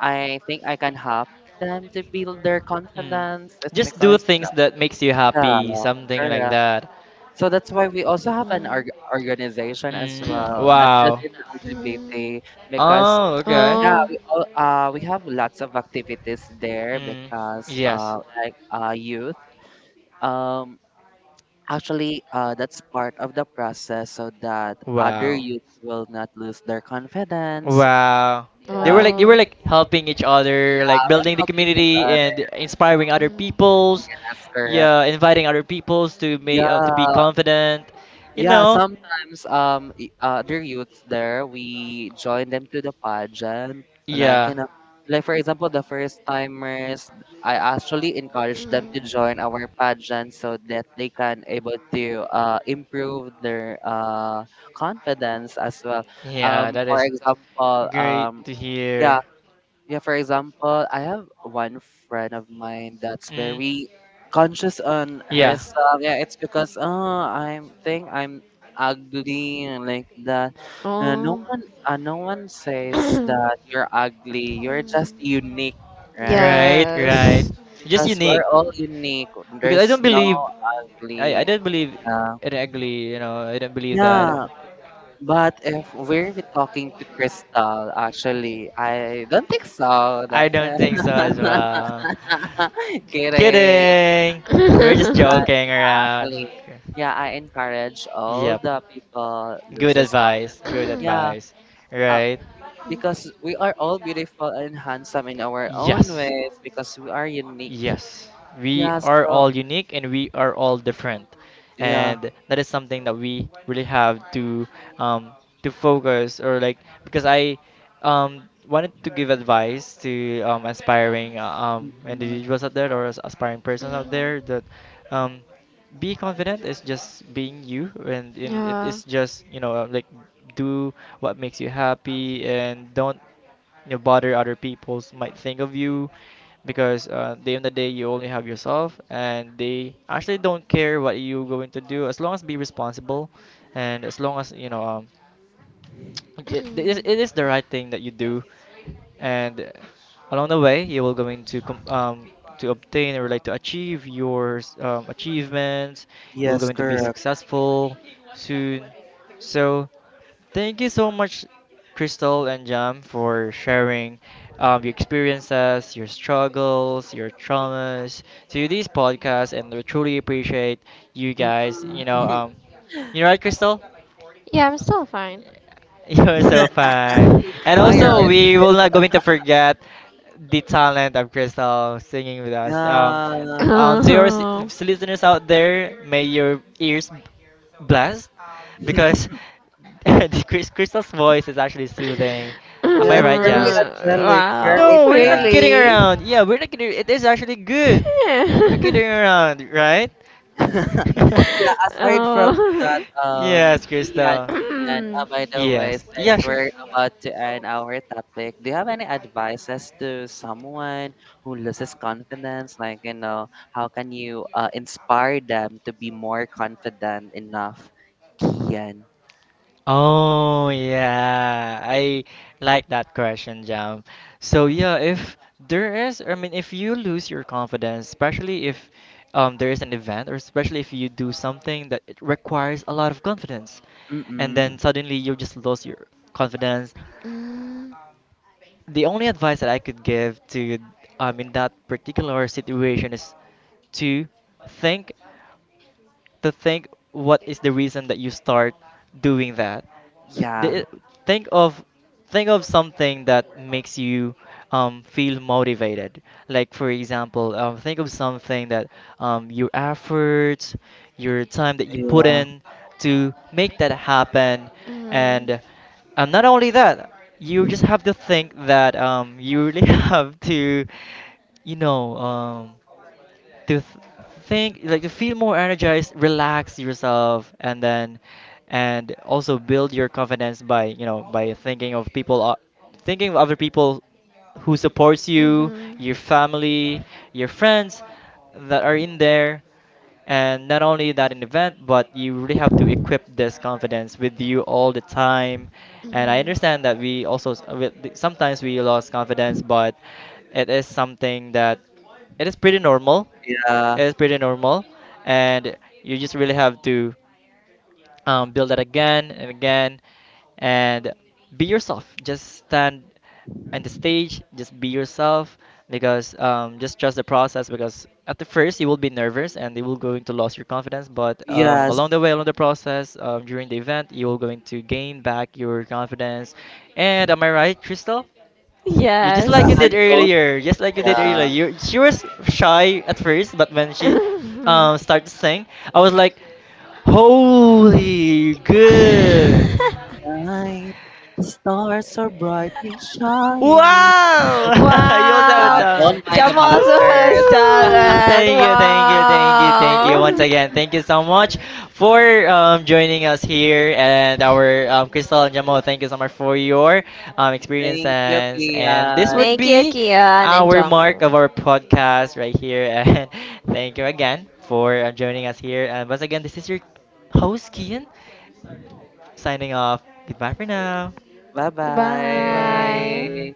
S3: I think I can help them to build their
S1: Mm.
S3: confidence. It's
S1: Just do
S3: because, you
S1: things that makes you happy,
S3: know,
S1: something like
S3: yeah,
S1: that. So
S3: so that's why we also
S2: um,
S3: have an
S2: Mm.
S3: org- organization as
S1: Mm, well
S3: well, not just
S1: wow.
S3: in
S2: Mm.
S3: L G B T, because
S1: Oh, okay.
S3: yeah, we all, uh we have lots of activities there
S1: Mm,
S3: because
S1: yes.
S3: uh like uh youth um actually uh that's part of the process so that other
S1: Wow.
S3: youths will not lose their confidence.
S1: Wow.
S2: Oh. They
S1: They were
S3: Yeah,
S2: were
S1: like they
S2: like,
S1: were
S2: you. Oh.
S1: like helping each other, like
S3: yeah, we're
S1: building the
S3: helping
S2: Yeah,
S3: each
S1: community and
S3: other.
S1: inspiring other
S2: Mm.
S1: peoples.
S3: Yes, correct.
S1: Yeah, inviting other peoples to make uh, to be
S3: Yeah.
S1: confident. You
S3: Yeah,
S1: know.
S3: sometimes um i- other youths there, we join them to the pageant. Like you
S1: Yeah.
S3: know, like for example, the first timers, I actually encourage them
S2: Mm.
S3: to join our pageant so that they can able to uh improve their uh confidence as well.
S1: Yeah,
S3: Um, for example,
S1: um,
S3: um,
S1: to
S3: yeah,
S1: hear
S3: yeah, for example, I have one friend of mine that's very conscious on
S1: yeah.
S3: herself. Yeah, it's because oh, I'm think I'm ugly and like that. Uh, no
S2: Oh.
S3: one, uh, no one says
S2: Mm.
S3: that you're ugly. You're just unique, right?
S1: Right? Right, right.
S2: Yes.
S3: Because we're all unique. There's no ugly.
S1: Believe
S3: Yeah.
S1: in ugly, you know, I don't believe
S3: Yeah,
S1: that.
S3: but if we're talking to Crystal, actually, I don't think so. Kidding.
S1: We're joking around.
S3: Actually, yeah, I encourage all the people
S1: Good
S3: loses God.
S1: advice. Good
S3: Yeah,
S1: advice.
S3: uh,
S1: Right? You
S3: because we are all beautiful and handsome in our own ways, because we are unique.
S1: yes, we
S3: Yeah,
S1: are
S3: so
S1: all unique and we are all different.
S3: yeah.
S1: And that is something that we really have to, um, to focus or like because I, um, wanted to give advice to, um, aspiring uh, um,
S3: Mm-mm.
S1: individuals out there or as- aspiring persons out there that, um, be confident is just being you. and, and it is just, you know, uh, like, do what makes you happy, and don't you bother other people's might think of you, because uh, the end of the day you only have yourself, and they actually don't care what you are going to do, as long as be responsible, and as long as you know, um, it, it is it is the right thing that you do. And uh, along the way, you will going to com- um to obtain, or like to achieve your s- um, achievements, you will
S3: Yes,
S1: going to be
S3: correct.
S1: successful soon. So thank you so much, Crystal and Jam, for sharing, um, your experiences, your struggles, your traumas to these podcasts. And we truly appreciate you guys, you know,
S3: Mm-mm.
S1: um you know, right, Crystal?
S2: Yeah, I'm still fine.
S1: You're so fine. And
S3: Why are
S1: also,
S3: you?
S1: we will not going to forget the talent of Crystal singing with us. Um,
S3: Yeah,
S1: um, to your s-
S2: Oh.
S1: listeners out there, may your ears b- blessed, because the Chris- Crystal's voice is actually soothing. Am
S3: yeah,
S1: I
S3: it's
S1: right,
S3: very
S1: Jam?
S2: Uh,
S3: angelic,
S2: wow,
S3: very
S1: No, we're
S3: black.
S1: not kidding
S2: really?
S1: around. Yeah, we're not kidding. It is actually good. We're not
S2: Yeah.
S1: kidding around, right?
S3: Yeah, aside from
S2: Oh.
S3: that,
S2: Mm.
S3: um, Kian, Kian, uh,
S2: Mm.
S3: by the way, since we're about to end our topic, do you have any advices to someone who loses confidence? Like, you know, how can you uh, inspire them to be more confident enough? Kian.
S1: Oh yeah, I like that question, Jam. So yeah, if there is, I mean, if you lose your confidence, especially if um, there is an event, or especially if you do something that it requires a lot of confidence, and then
S3: Mm-mm.
S1: suddenly you just lose your confidence. The only advice that I could give to, um, in that particular situation is to think to think what is the reason that you start doing that. D-
S3: Yeah.
S1: d- think of think of something that makes you, um, feel motivated. Like for example, um, think of something that um, your efforts, your time that you put
S3: Yeah.
S1: in to make that happen. And um, not only that, you just have to think that um, you really have to, you know. Um, to th- think like to feel more energized, relax yourself. And then and also build your confidence by, you know, by thinking of people o- thinking of other people who supports
S2: Mm.
S1: you, your family, your friends, that are in there. And not only that in event, but you really have to equip this confidence with you all the time.
S2: Mhm.
S1: And I
S2: Mhm.
S1: understand that we also s- with- sometimes we lost confidence, but it is something that it is pretty normal.
S3: Yeah.
S1: It is pretty normal. And you just really have to, um, build that again and again, and be yourself, just stand on the stage, just be yourself. Because um, just trust the process, because at the first you will be nervous and you will going to lose your confidence. But um,
S3: Yes.
S1: along the way, along the process, um, during the event, you will going to gain back your confidence. And am I right, Crystal? You just
S2: Yes.
S3: Yeah.
S1: like you
S3: And
S1: did
S3: don't.
S1: earlier, just like you did earlier.
S3: Yeah.
S1: You she was shy at first, but when she um started to sing, I was like, "Holy good."
S3: Night, the stars are brightly shining.
S1: Wow! You
S2: Wow.
S3: God.
S1: Avatar.
S3: Don't mind the
S2: Jam also
S3: bashers.
S2: has
S1: Woo!
S2: talent.
S1: Thank you, thank you, thank you, thank you once
S2: Wow.
S1: again. Thank you so much for um, joining us here and our um, Crystal and Jamo. Thank you so much for your um,
S3: Thank you,
S1: experiences. And this would
S3: Kian.
S2: Thank you,
S1: be
S2: Kian and
S1: our
S2: Jamu.
S1: mark of our podcast right here. And thank you again for uh, joining us here. And once again, this is your host Kian signing off. Goodbye for now. Bye
S2: Bye.
S1: bye.
S3: Bye-bye.